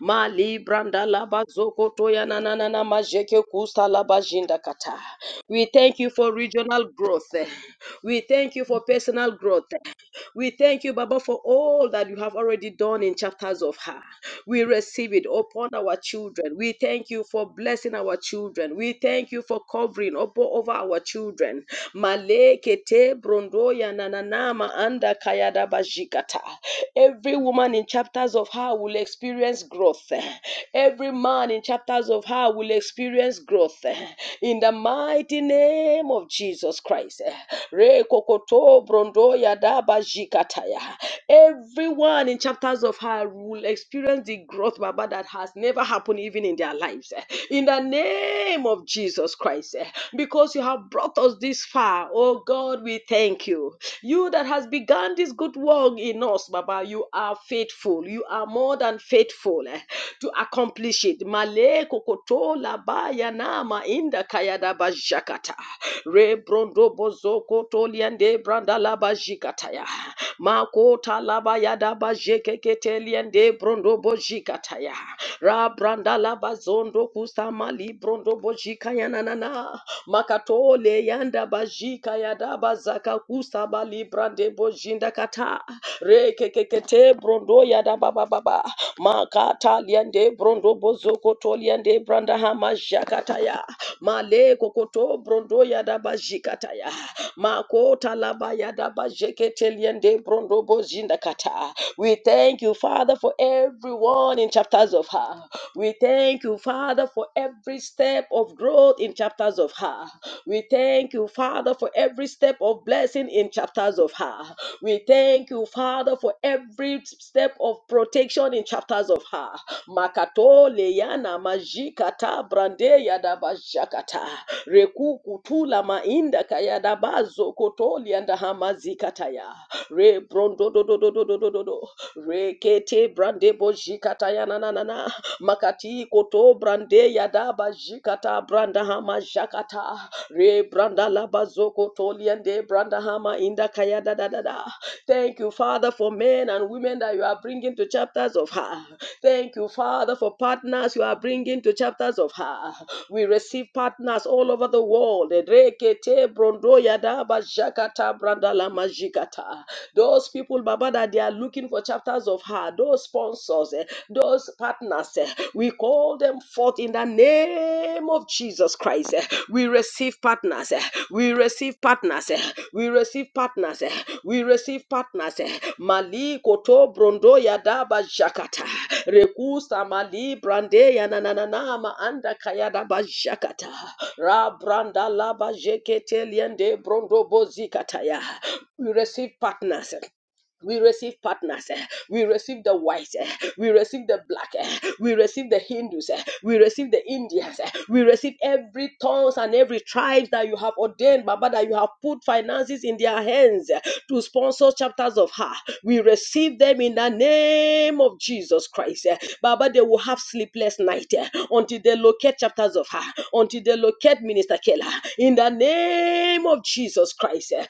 S3: Mali branda laba zoko toya na na na na majeke kusta laba jinda kata. We thank you for regional growth. We thank you for personal growth. We thank you, Baba, for all that you have already done in chapters of her. We receive it upon our children. We thank you for blessing our children. We thank you for covering up over our children. Malekete brondoya nananama anda kayada bajikata. Every woman in chapters of her will experience growth. Every man in chapters of her will experience growth. In the mighty name name of Jesus Christ. Rekokoto brondoya daba jikataya. Everyone in chapters of her will experience the growth, Baba, that has never happened even in their lives. In the name of Jesus Christ, because you have brought us this far, oh God, we thank you. You that has begun this good work in us, Baba, you are faithful. You are more than faithful eh, to accomplish it. Malay. Re kokoto la baya nama inda kayada bajakata. Re brondo bozo koto liende branda la bajikata ya. Makota la baya da bajekekete liende brondo bojikata ya. Ra branda la bazondo kusama li brondo bojika ya nanana. Makatole yanda bajika ya da bazaka kusaba li brande bojinda kata. Re kekekete brondo brondo yada baba baba makata liande brondo bozoko to liande branda hama jakataya male kokoto brondo yada bajikataya makota laba yada bajekete liande brondo bozinda kata we thank you father for everyone in chapters of her we thank you father for every step of growth in chapters of her we thank you father for every step of blessing blessing in chapters of her. We thank you, Father, for every step of protection in chapters of her. Makato leyana majikata brande yadaba shakata. Reku kutula mainda kayadabazo kotoli and hamazikataya. Re brondo do do do do do do do do. Re kete brande bojikataya na na na na. Makati koto brande yadabashikata jikata branda hama shakata re branda labazoko toliende branda hama inda kaya da da da da thank you father for men and women that you are bringing to chapters of her thank you father for partners you are bringing to chapters of her we receive partners all over the world Rekete brondo yada ba shakata branda lama jikata. those people baba that they are looking for chapters of her those sponsors eh, those those partners, eh, we call them forth in the name of Jesus Christ. eh. We receive partners. eh, We receive partners. eh, We receive partners. eh, We receive partners. eh. Mali koto brondo yadaba jakata. Rekusa mali brande ya yananana ma anda kayadaba jakata. Ra branda laba jekete liende brondo bozikata ya. We receive partners. eh we receive partners. eh, We receive the whites. eh, We receive the black. eh, We receive the Hindus. eh, We receive the Indians. eh, We receive every tongues and every tribe that you have ordained, Baba, that you have put finances in their hands eh, to sponsor chapters of her. We receive them in the name of Jesus Christ. eh. Baba, they will have sleepless night eh, until they locate chapters of her, until they locate minister in the name of Jesus Christ. eh,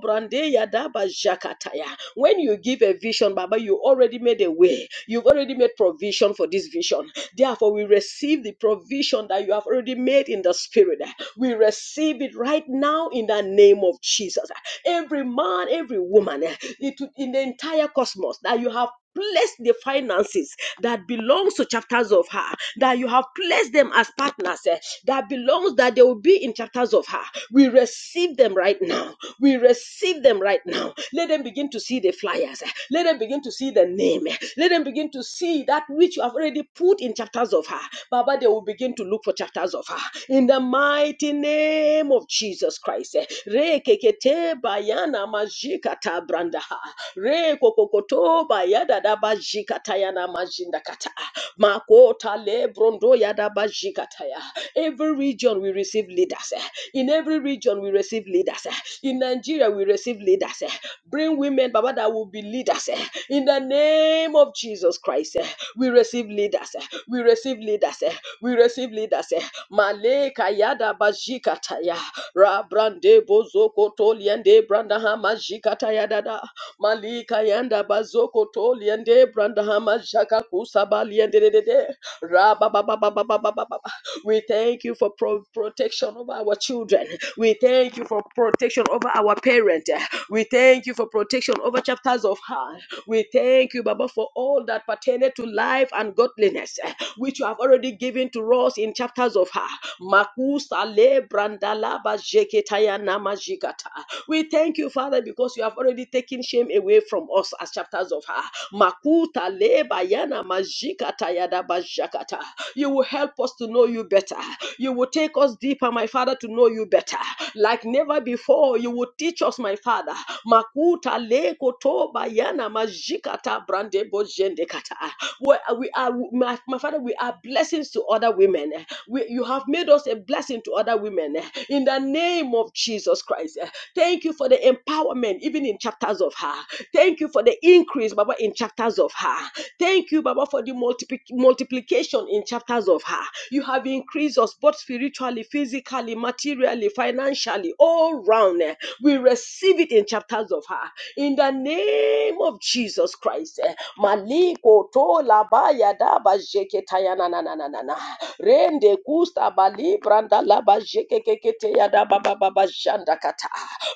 S3: brande yadaba jakataya. When you give a vision, Baba, you already made a way. You've already made provision for this vision. Therefore, we receive the provision that you have already made in the spirit. We receive it right now in the name of Jesus. Every man, every woman, eh, it- in the entire cosmos that you have placed the finances that belongs to chapters of her, that you have placed them as partners, eh, that belongs that they will be in chapters of her. We receive them right now. We receive them right now. Let them begin to see the flyers. eh. Let them begin to see the name. eh. Let them begin to see that which you have already put in chapters of her. Baba, they will begin to look for chapters of her. In the mighty name of Jesus Christ. eh rekekete bayana majikata brandaha rekokokoto bayada da bajikata majinda kata makota le brondo yada bajikata ya every region we receive leaders eh. in every region we receive leaders eh. in Nigeria we receive leaders eh. bring women baba that will be leaders eh. in the name of Jesus Christ eh. we receive leaders eh. we receive leaders eh. we receive leaders eh. Maleka yada bajikata ya Rabrande bozoko toliende brandahama jikata yadada. Malika yanda bazoko toliende brandahama jaka kusabaliende dedede. Rababababababababa. We thank you for pro- protection over our children. We thank you for protection over our parents. We thank you for protection over chapters of heart. We thank you, Baba, for all that pertaineth to life and godliness, eh, which you have already given to us in chapters of her. Makusa le brandalaba jeketaya namajigata. We thank you, Father, because you have already taken shame away from us as chapters of her. Makuta leba yana majikata yada bajakata. You will help us to know you better. You will take us deeper, my Father, to know you better. Like never before, you will teach us, my Father. Makuta leko toba yana majikata brande bojende kata. We, are, we are, my, my Father, we are blessings to other women women. eh, we- you have made us a blessing to other women eh, in the name of Jesus Christ. eh. Thank you for the empowerment, even in chapters of her. Thank you for the increase, Baba, in chapters of her. Thank you, Baba, for the multipli- multiplication in chapters of her. You have increased us both spiritually, physically, materially, financially, all round. eh. We receive it in chapters of her. In the name of Jesus. Jesus Christ. eh, Maliko tola baya daba jeke tayana na na na na na. Rende kusta bali branda laba jeke kekete ya daba baba bashanda kata.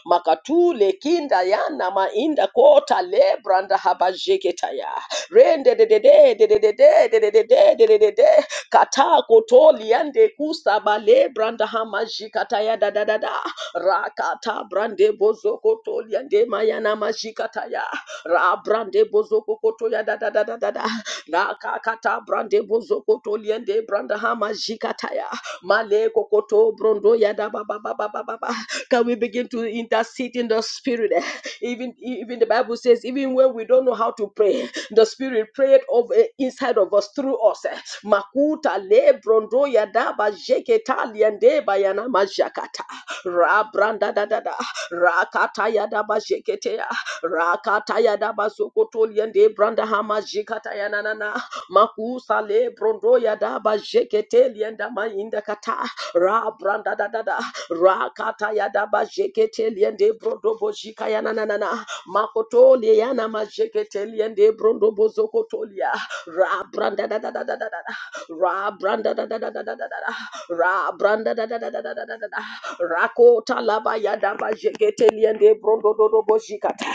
S3: Makatule kinda yana mainda kota le branda haba jeke taya. Rende de de de de de de de de de de de de de de. Kata kotoli yande kusta bale branda hama jikata ya da da da da rakata brande bozoko tolia de mayana mashikata ya ra brande bozoko koto ya da da da da da da na kakata brande bozoko tolia de branda ha mashikata male kokoto brondo ya da ba ba ba ba ba ba ba. can we begin to intercede in the spirit eh? even even the bible says even when we don't know how to pray the spirit prayed over inside of us through us eh. makuta le brondo ya da ba jeketa liende bayana majakata Rabranda da da da. Rakataya da ba bajeketea. Rakataya da ba bazokotoliende branda hama jikataya na na na. Makusa le brondo ya da ba jekete lienda ma inda kata. Rabranda da da da. Rakataya da ba bajeketeliende brondo bo jika ya na na na na. Makotoli ya na ma majeketeliende brondo bozokotolia. Rabranda da da da da da da. Rabranda da da da da da da da. da, Rabranda da da da da da da da. da Rakota laba yadaba jegeteliende brondododobo jikata.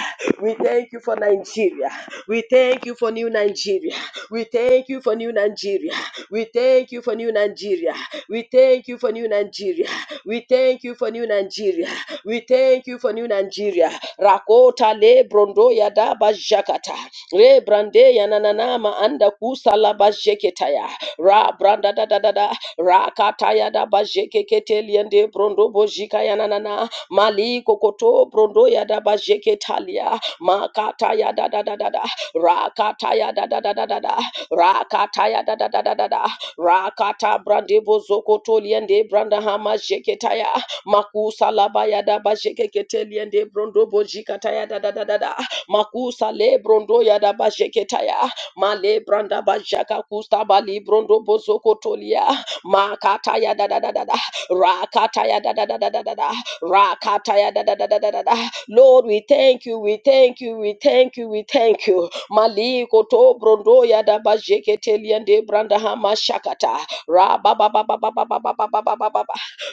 S3: We thank you for Nigeria. We thank you for new Nigeria. We thank you for new Nigeria. We thank you for new Nigeria. We thank you for new Nigeria. We thank you for new Nigeria. We thank you for new Nigeria. Rakota le brondo ya yadaba jakata. Re brande ya yananama anda kusa laba jeketaya. Ra branda da da da da rakataya da bajekekete liende brondo bojika yananana mali kokoto brondo ya da bajeketalia makata ya da da da da da rakata ya da da da da da da rakata ya da da da da da da rakata brande bozokoto liende branda hama jeketaya makusa laba ya da bajekekete liende brondo bojika taya da da da da da makusa le brondo ya da bajeketaya male branda bajaka kusta bali brondo bozokotolia Makataya da da da da da. Rakataya da da da da da da da. Rakataya da da da da da da da. Lord, we thank you, we thank you, we thank you, we thank you. Maliko to brondo ya da bajeke teliende branda hama shakata. Ra ba ba ba ba ba ba ba ba ba ba ba ba ba.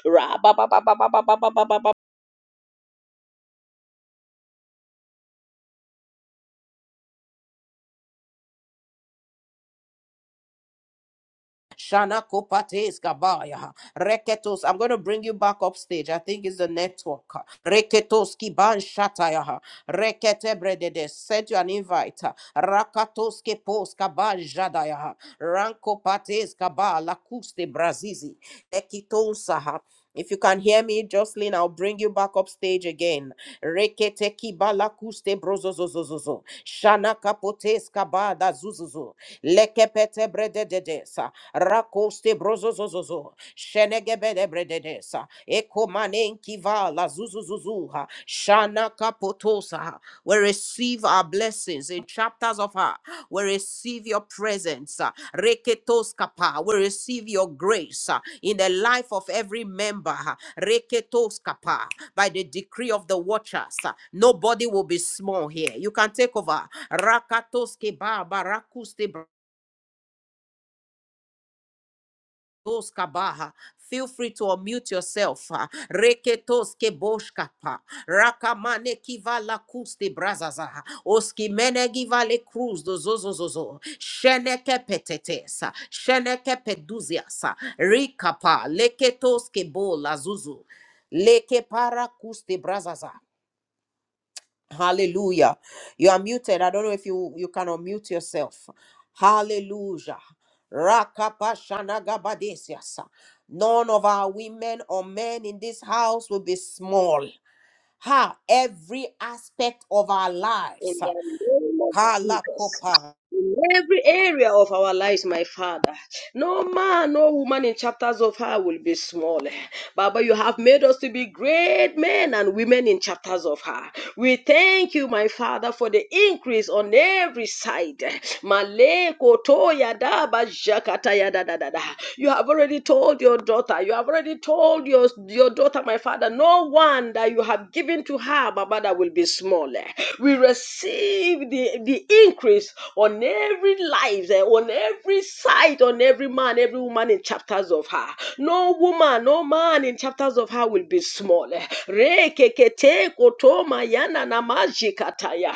S3: Ra ba ba ba ba ba ba ba ba ba ba ba ba.
S1: Shana kopates kabaya. Reketos. I'm going to bring you back upstage. I think it's the network. Reketos kiban shataya. Rekete bredede. Send you an invite. Rakatos kepos kaban jadaya. Ranko pates kabala kuste brazizi. Ekitonsaha. If you can hear me, Jocelyn, I'll bring you back up stage again. Reketeki balakuste brozozozozozo. Shana kapotes kabada zuzuzu. Lekepete bredededesa. Rakoste brozozozozo. Shenegebede brededesa. Eko manenki vala zuzuzuzuha. Shana Shakapotosa. We receive our blessings in chapters of her. We receive your presence. uh, Reketoskapa. We receive your grace uh, in the life of every member. uh, Reketoskapa. By the decree of the watchers, uh, nobody will be small here. You can take over. Rakatoske ba barakuste Dos kabaha. Feel free to unmute yourself. ah. Reketos keboshkapa. Rakamane kivala kuste brazaza. Oskimene givale cruz do zozozozo. Sheneke petetesa. Sheneke peduziasa. Rikapa. Leketos kebola zuzu. Leke para kuste brazaza. Hallelujah. You are muted. I don't know if you you can unmute yourself. Hallelujah. Rakapashanagabadesiasa. None of our women or men in this house will be small. Ha, every aspect of our lives.
S3: in the name of Jesus.
S1: Kalakopa
S3: In every area of our lives, my Father, no man, no woman in chapters of her will be small. Baba, you have made us to be great men and women in chapters of her. We thank you, my Father, for the increase on every side. Maleko toya daba jakata ya da da da da. You have already told your daughter. You have already told your, your daughter, my father, no one that you have given to her, my mother, will be smaller. We receive the, the increase on every life, eh, on every side, on every man, every woman in chapters of her. No woman, no man in chapters of her will be small. eh. Rekekete kotoma yana namajikataya.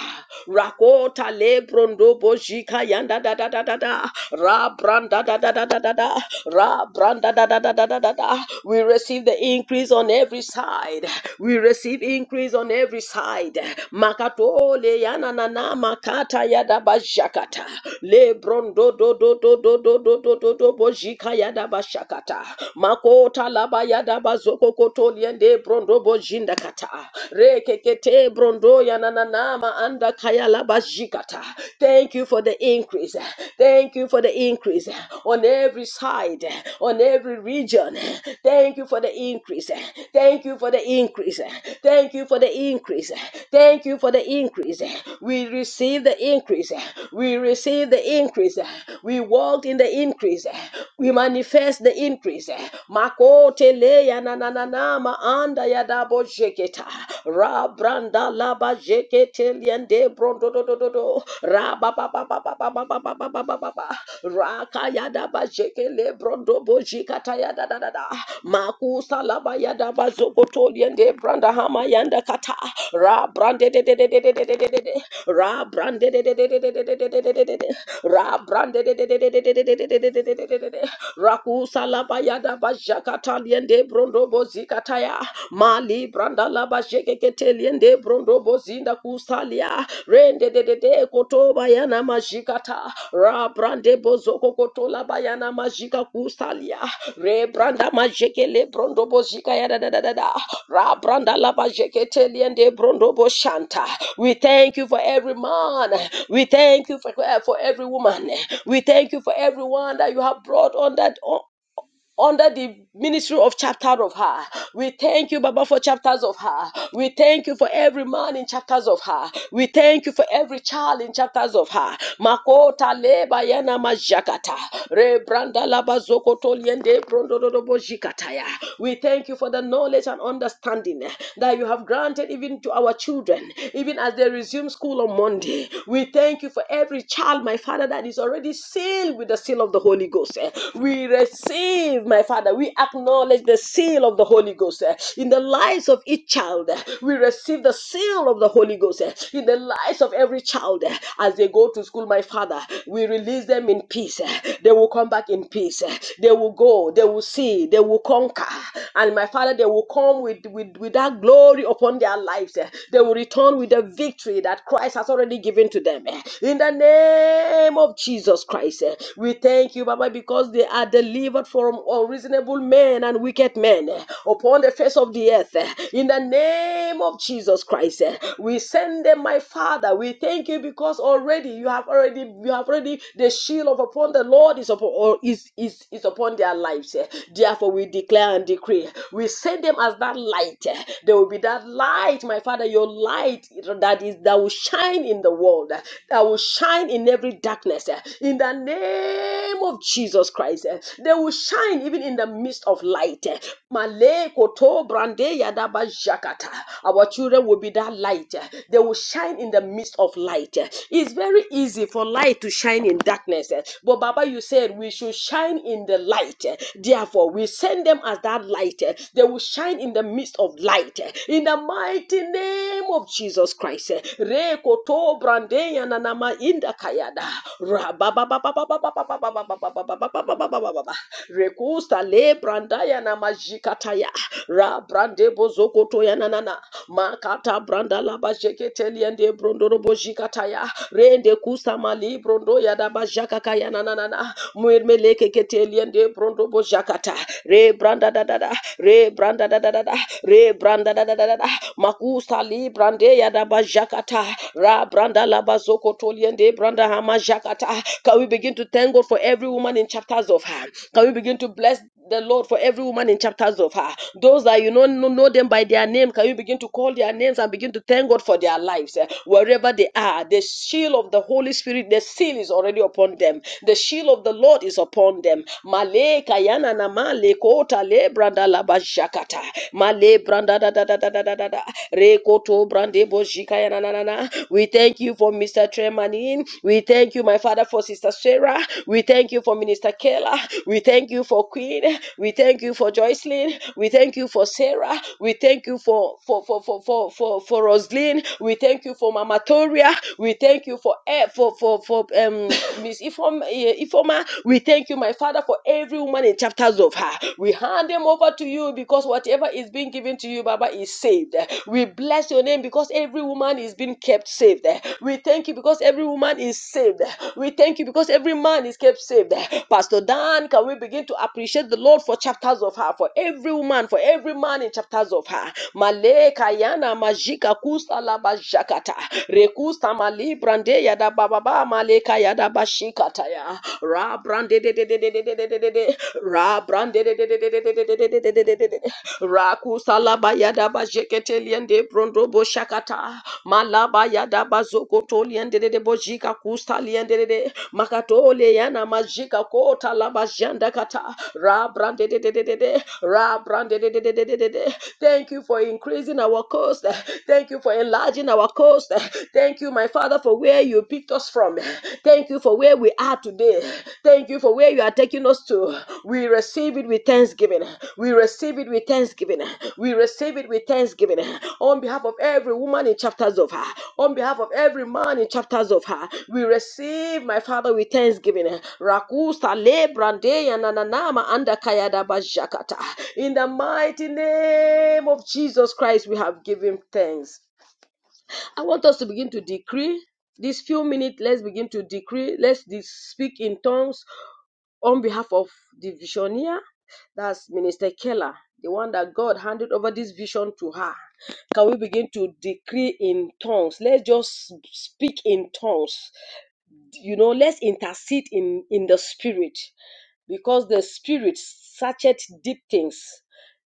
S3: Rakota lebrondo bojika yanda da da da da da, ra branda da da da da da da, ra branda da da da da da da da. We receive the increase on every side. We receive increase on every side. Makato le yana na na makata yada bashakata. Le brondo do do do do do do do do do bojika yada bashakata. Makota laba yada da bazoko koto liende brondo bojinda kata. Rekekete brondo ya na na na ma anda kaya Kalabashikata. Thank you for the increase. Thank you for the increase on every side, on every region. Thank you for the increase. Thank you for the increase. Thank you for the increase. Thank you for the increase. We receive the increase. We receive the increase. We walk in the increase. We manifest the increase. Makote leya na na na na ma anda ya dabo sheketa. Ra branda la ba jeke teliende brondo do do do do. Ra ba ba ba ba ba ba ba ba ba ba ba ba ba ba. Ra kaya da ba jeke le brondo bo jikata ya da da da da. Makusa la ba ya da ba zoko toliende branda hama yanda kata. Ra brande de de de de de de de de de de. Ra brande de de de de de de de de de de de de Ra brande de de de de de de de de de de de de de de Rakusa la ba ya da ba jakata liende brondo bo zikataya mali branda laba shekeketelende brondo bozinda kusalia rende dedede koto bayana majikata ra brande bozoko koto la bayana majika kusalia re branda majekele brondo bozika ya da da da da da. ra branda laba jeketeliende brondo boshanta we thank you for every man we thank you for, for every woman we thank you for everyone that you have brought on that under the ministry of chapter of her. We thank you, Baba, for chapters of her. We thank you for every man in chapters of her. We thank you for every child in chapters of her. Makota leba yana majakata. Rebranda laba zokoto liende brondorobo jikataya. We thank you for the knowledge and understanding that you have granted even to our children, even as they resume school on Monday. We thank you for every child, my Father, that is already sealed with the seal of the Holy Ghost. Holy Ghost. eh. We receive, my Father, we acknowledge the seal of the Holy Ghost eh, in the lives of each child. eh. We receive the seal of the Holy Ghost eh, in the lives of every child eh, as they go to school, my Father. We release them in peace. eh. They will come back in peace. eh. They will go, they will see, they will conquer. And my Father, they will come with, with, with that glory upon their lives. eh. They will return with the victory that Christ has already given to them. eh. In the name of Jesus. Jesus Christ. eh. We thank you, Baba, because they are delivered from unreasonable men and wicked men eh, upon the face of the earth. eh. In the name of Jesus Christ, eh, we send them, my Father. We thank you because already you have already you have already the shield of upon the Lord is upon or is is is upon their lives. eh. Therefore, we declare and decree. We send them as that light. eh. There will be that light, my Father, your light that is that will shine in the world. eh that will shine in every darkness eh, in the name of Jesus Christ. eh. They will shine even in the midst of light. eh. Male koto brande yadaba jakata. Our children will be that light. eh. They will shine in the midst of light. eh. It's very easy for light to shine in darkness. eh. But Baba, you said we should shine in the light. eh. Therefore, we send them as that light. eh. They will shine in the midst of light. eh. In the mighty name of Jesus Christ. eh, re koto brande ya nanama inda kayada rababa baba baba baba baba baba baba baba baba baba rekusta le branda ya na majikata ya ra brande bozoko to ya nanana makata branda la bajeketeli ende brondoro bojikata ya rende kusta mali brondo ya da bajaka kaya nanana muermeleke keteli ende brondo bojakata re branda da da da re branda da da da re branda da da da da Makusa li brande ya da bajakata. Ra branda la bazoko toliende branda hama jakata. Can we begin to thank God for every woman in chapters of her? Can we begin to bless the Lord for every woman in chapters of her? Those that you know know know them by their name, can you begin to call their names and begin to thank God for their lives eh, wherever they are? The shield of the Holy Spirit, the seal is already upon them. The shield of the Lord is upon them. Male kayana na male kota le branda la bajakata. Male branda da da da da da da da. da. Rekoto brande bojika ya na na na na. We thank you for Mr. Tremanin. We thank you, my father, for Sister Sarah. We thank you for Minister Kayla. We thank you for Queen. We thank you for Joycelyn. We thank you for Sarah. We thank you for for for for for for, for Roslyn. We thank you for Mama Toria. We thank you for eh, for for for um Miss Ifoma. Ifoma. We thank you, my father, for every woman in chapters of her. We hand them them over to you because whatever is being given to you, Baba, is saved. We bless your name because every woman is being kept saved. We thank you because every woman is saved. We thank you because every man is kept saved. Pastor Dan, can we begin to appreciate the Lord for chapters of her, for every woman, for every man in chapters of her? Male kayana majika kusa la bajakata. Rekusta mali brande yada bababa male kayada bashikata ya. Ra brande de de de de de de de de de. Ra brande de de de de de de de de de de de de de bayada bajekete brondo boshakata. Malaba yada bazokoto liende de de bojika kusta liende de de. Makatole yana majika kota laba janda kata. Ra brande de de de de de. Ra brande de de de de de de Thank you for increasing our coast, Thank you for enlarging our coast. Thank you, my Father, for where you picked us from. Thank you for where we are today. Thank you for where you are taking us to. We receive it with thanksgiving. We receive it with thanksgiving. We receive it with thanksgiving. On behalf of every woman in chapters of her, on behalf of every man in chapters of her, we receive, my Father, with thanksgiving. Rakusa le brande ya na anda kaya da jakata. In the mighty name of Jesus Christ, we have given thanks. I want us to begin to decree this few minutes. Let's begin to decree. Let's de- speak in tongues on behalf of the visioneer. That's Minister Keller, the one that God handed over this vision to her. Can we begin to decree in tongues? Let's just speak in tongues. You know, let's intercede in in the spirit because the spirit searcheth deep things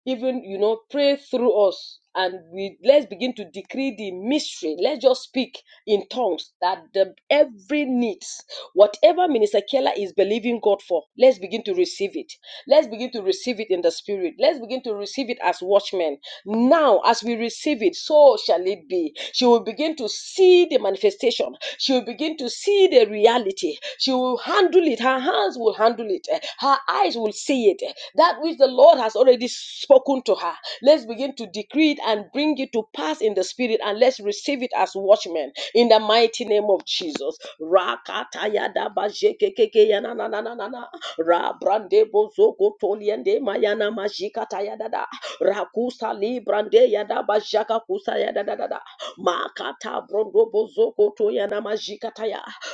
S3: even you know pray through us and we let's begin to decree the mystery let's just speak in tongues that the every needs whatever minister keller is believing god for let's begin to receive it let's begin to receive it in the spirit let's begin to receive it as watchmen now as we receive it so shall it be she will begin to see see the manifestation. She will begin to see the reality. She will handle it. Her hands will handle it. Her eyes will see it. That which the Lord has already spoken to her. Let's begin to decree it and bring it to pass in the spirit and let's receive it as watchmen in the mighty name of Jesus. Rakatayadabajekekekeyananananana. Rabrandebozokotoliendemayana majikatayadada. Rakusa librandeyadabajakakutayadadadada. Makata brondo bozo koto ya na majikata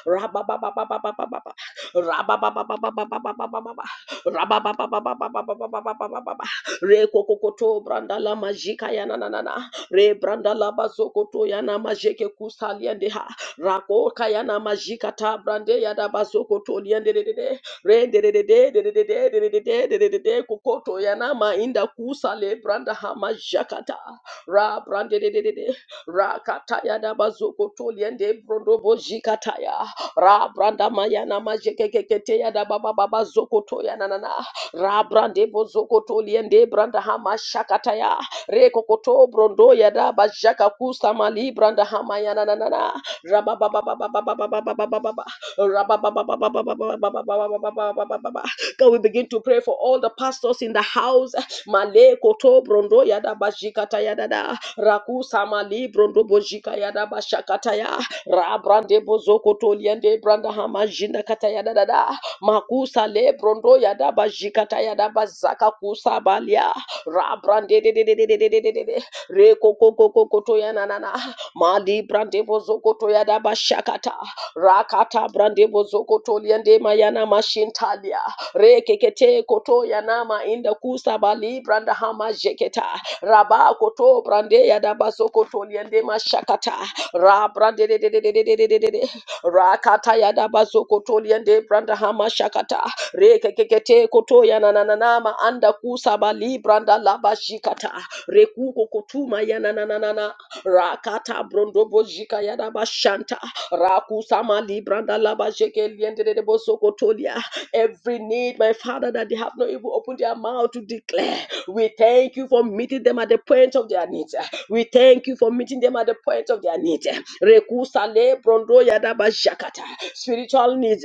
S3: Rababababababababa. Rabababababababababa. Rababababababababababa. Re kokokoto branda la majika ya na na na na. Re branda la bazo koto na majeke kusa ha. Rako kaya na majika ta brande ya da bazo koto liende de de de. Re de de de de de de de de de de de de de de de kokoto ya na mainda kusa le branda ha majakata. Ra brande de de de de rakataya na mazuko toliende brondo bojikataya ra branda mayana majekekeketeya na baba baba zoko toya na ra brande bozoko toliende branda hama shakataya re brondo ya da bajaka kusa mali branda hama ya na ra ba ba ba ba ba ba ba ra ba ba ba ba ba ba ba ba ba ba we begin to pray for all the pastors in the house. Male koto brondo yada bajikata yada da. da raku sama librondo bojika yada bashakataya rabrande bozoko toliende branda hama jinda kataya da da da makusa lebrondo yada bajikata yada bazaka kusa balia rabrande de de de de de de de de de de reko koko koko toya na na na. mali brande bozoko to yada bashakata rakata brande bozoko toliende mayana mashintalia rekekete koto yanama inda kusa bali branda hama jeketa Raba koto brande ya da baso koto liende mashakata. Ra brande de de de de de de de de de de. Ra kata ya da baso koto liende branda hama shakata. Re kekekete koto ya na na na na ma anda kusaba li branda laba shikata. Re kuko kotuma ya na na na na na. Ra kata brondo bojika ya da bashanta. Ra kusama li branda laba jeke liende de de boso koto lia every need, my Father, that they have not even opened their mouth to declare. We thank you for meeting them at the point of their needs. We thank you for meeting them at the point of their needs. Rekusale brondo yadaba shakata. Spiritual needs,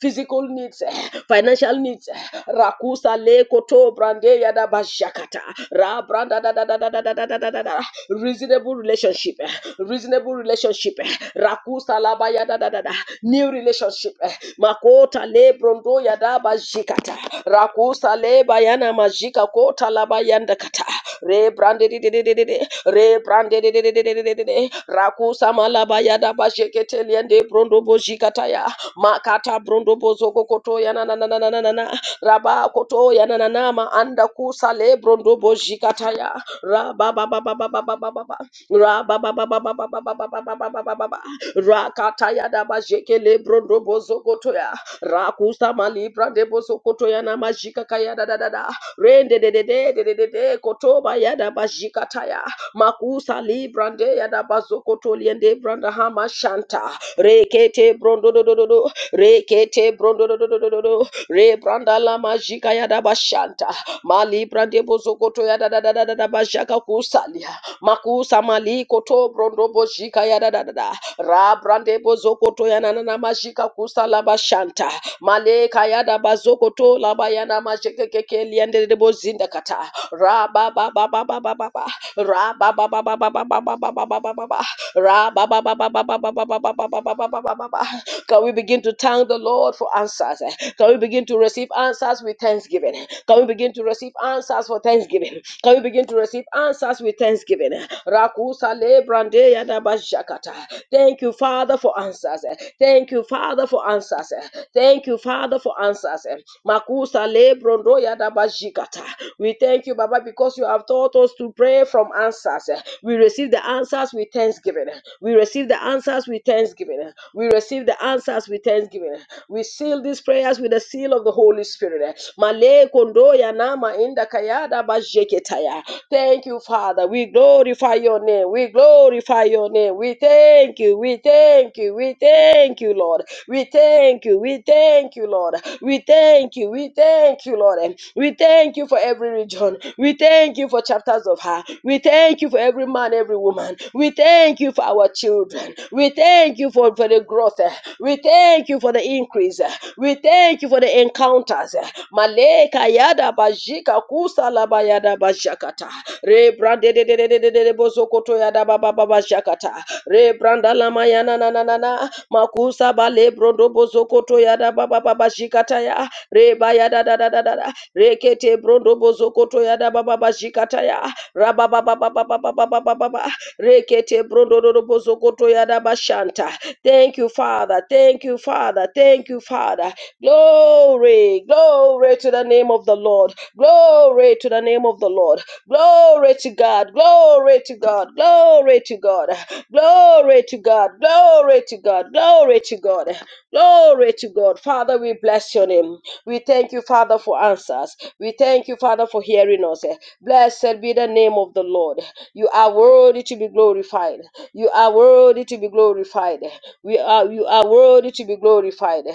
S3: physical needs, financial needs. Rakusale koto brande yadaba shakata. Ra branda da da da da da da da da da da reasonable relationship, eh, reasonable relationship, eh, rakusa laba ya da da da da, new relationship, eh, makota le brondo ya da ba jikata, rakusa le bayana majika kota laba yanda kata, re brande di di di di di di, re brande di di di di di di di di, Shekete, Rakusa Malabaya Dabashekete Liende Brondobo Shikataya, Makata Brondobo Zoko koto Nananana, Raba Kotoya Nananama, Anda Kusa Le Brondobo Shikataya, Raba Baba Baba Baba Baba Baba, Raba Baba Baba Baba Baba Baba Baba Baba, Rakataya Dabashekele Brondobo Zokotoya, Rakusa Malibra Debo Zokotoya Namashika Kaya da da da da, Rende de de de de de de de Kotoba Yada Bashikataya, makusa librande yada bazokotoliende branda hama shanta rekete brondo do do do do rekete brondo do do do do do do re branda la majika yada bashanta mali brande bozokoto yada da da da da da bashaka kusalia makusa mali koto brondo bojika yada da da da ra brande bozokoto yana na na majika kusala bashanta maleka yada bazokoto la bayana majeke keke liende de bozinda kata ra ba ba ba ba ba ba ba ba Ra ba ba ba ba ba ba ba ba ba ba ba ba ba ba. Ra ba ba ba ba ba ba ba ba ba ba ba ba ba ba ba ba ba. Can we begin to thank the Lord for answers? eh? Can we begin to receive answers with thanksgiving? Can we begin to receive answers for thanksgiving? Can we begin to receive answers with thanksgiving? Rakusa le brande yada bashakata. Thank you, Father, for answers. Thank you, Father, for answers. Thank you, Father, for answers. Makusa le brondo yada bashikata. We thank you, Baba, because you have taught us to pray from answers answers. We receive the answers with thanksgiving. We receive the answers with thanksgiving. We receive the answers with thanksgiving. We seal these prayers with the seal of the Holy Spirit. Male kondoya nama inda kayada bajeketaya. Thank you, Father. We glorify your name. We glorify your name. We thank you. We thank you. We thank you, Lord. We thank you thank you. We thank you, Lord. We thank you. We thank you, Lord. We thank you for every region. We thank you for chapters of her. We thank you for every man, every woman. We thank you for our children. We thank you for, for the growth. We thank you for the increase. We thank you for the encounters. Maleka yada bajika kusa laba yada bashakata. Re brande de de de de de de bozokoto yada baba baba shakata. Re branda lama yana na na na na makusa balebro ndobo zokoto yada baba baba shikataya reba yada da da da da da rekete bro ndobo zokoto yada baba baba shikataya raba baba baba baba baba baba rekete bro ndobo zokoto yada bashanta thank you father thank you father thank you father glory glory to the name of the lord glory to the name of the lord Glory to God. Glory to God. Glory to God. Glory to God. Glory to God. Glory to God. Glory to God. Father, we bless your name. We thank you, Father, for answers. We thank you, Father, for hearing us. Blessed be the name of the Lord. You are worthy to be glorified. You are worthy to be glorified. We are you are worthy to be glorified.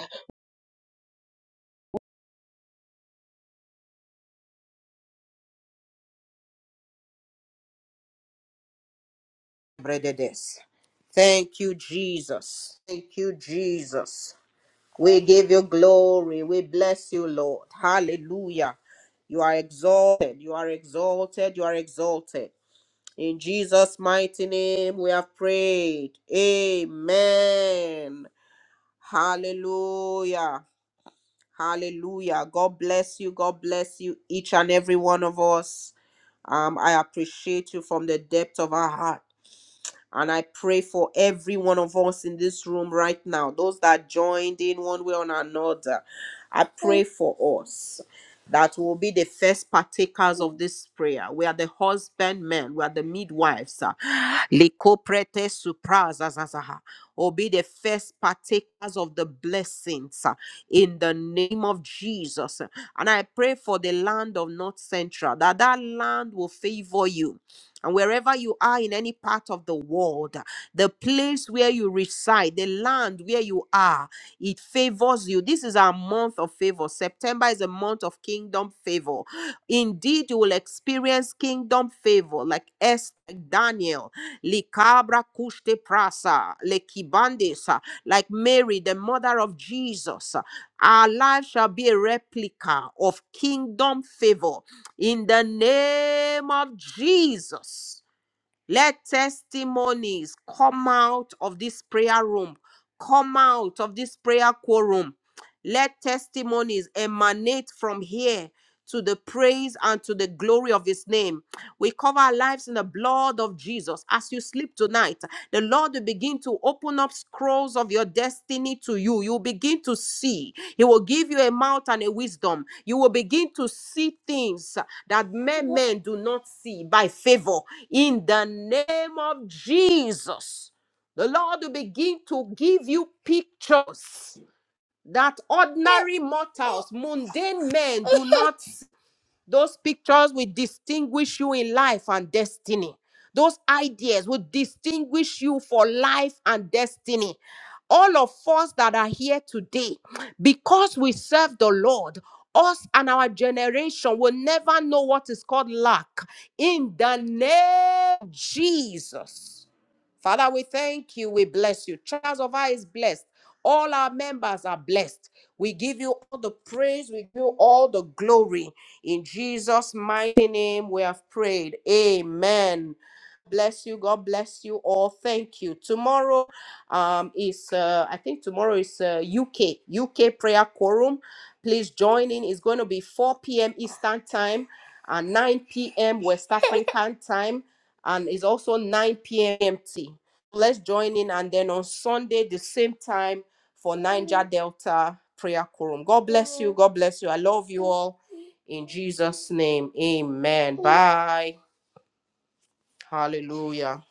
S1: brededes. Thank you, Jesus. Thank you, Jesus. We give you glory. We bless you, Lord. Hallelujah. You are exalted. You are exalted. You are exalted. In Jesus' mighty name, we have prayed. Amen. Hallelujah. Hallelujah. God bless you. God bless you, each and every one of us. Um, I appreciate you from the depth of our heart. And I pray for every one of us in this room right now, those that joined in one way or another. I pray for us that will be the first partakers of this prayer. We are the husbandmen, we are the midwives. ah. Likoprete suprazazazaha. Or be the first partakers of the blessings ah, in the name of Jesus. And I pray for the land of North Central, that that land will favor you and wherever you are in any part of the world, the place where you reside, the land where you are, it favors you. This is our month of favor. September is a month of kingdom favor. Indeed, you will experience kingdom favor like Esther, Daniel, Likabra Kushte Prasa, Lekibandesa, like Mary, the mother of Jesus. Our life shall be a replica of kingdom favor in the name of Jesus. Let testimonies come out of this prayer room, come out of this prayer quorum. Let testimonies emanate from here to the praise and to the glory of his name. We cover our lives in the blood of Jesus. As you sleep tonight, the Lord will begin to open up scrolls of your destiny to you. You will begin to see. He will give you a mouth and a wisdom. You will begin to see things that men, men do not see by favor. In the name of Jesus, the Lord will begin to give you pictures that ordinary mortals, mundane men do not Those pictures will distinguish you in life and destiny. Those ideas will distinguish you for life and destiny. All of us that are here today, because we serve the Lord, us and our generation will never know what is called lack. In the name of Jesus. Father, we thank you. We bless you. Charles of I is blessed. All our members are blessed. We give you all the praise. We give you all the glory. In Jesus' mighty name, we have prayed. Amen. Bless you. God bless you all. Thank you. Tomorrow um, is, uh, I think tomorrow is uh, UK, UK prayer quorum. Please join in. It's going to be 4 p.m. Eastern time and 9 p.m. West African time. And it's also 9 p.m. MT. Let's join in. And then on Sunday, the same time for Niger Delta prayer quorum. God bless you. God bless you. I love you all. In Jesus' name, amen. Bye. Hallelujah.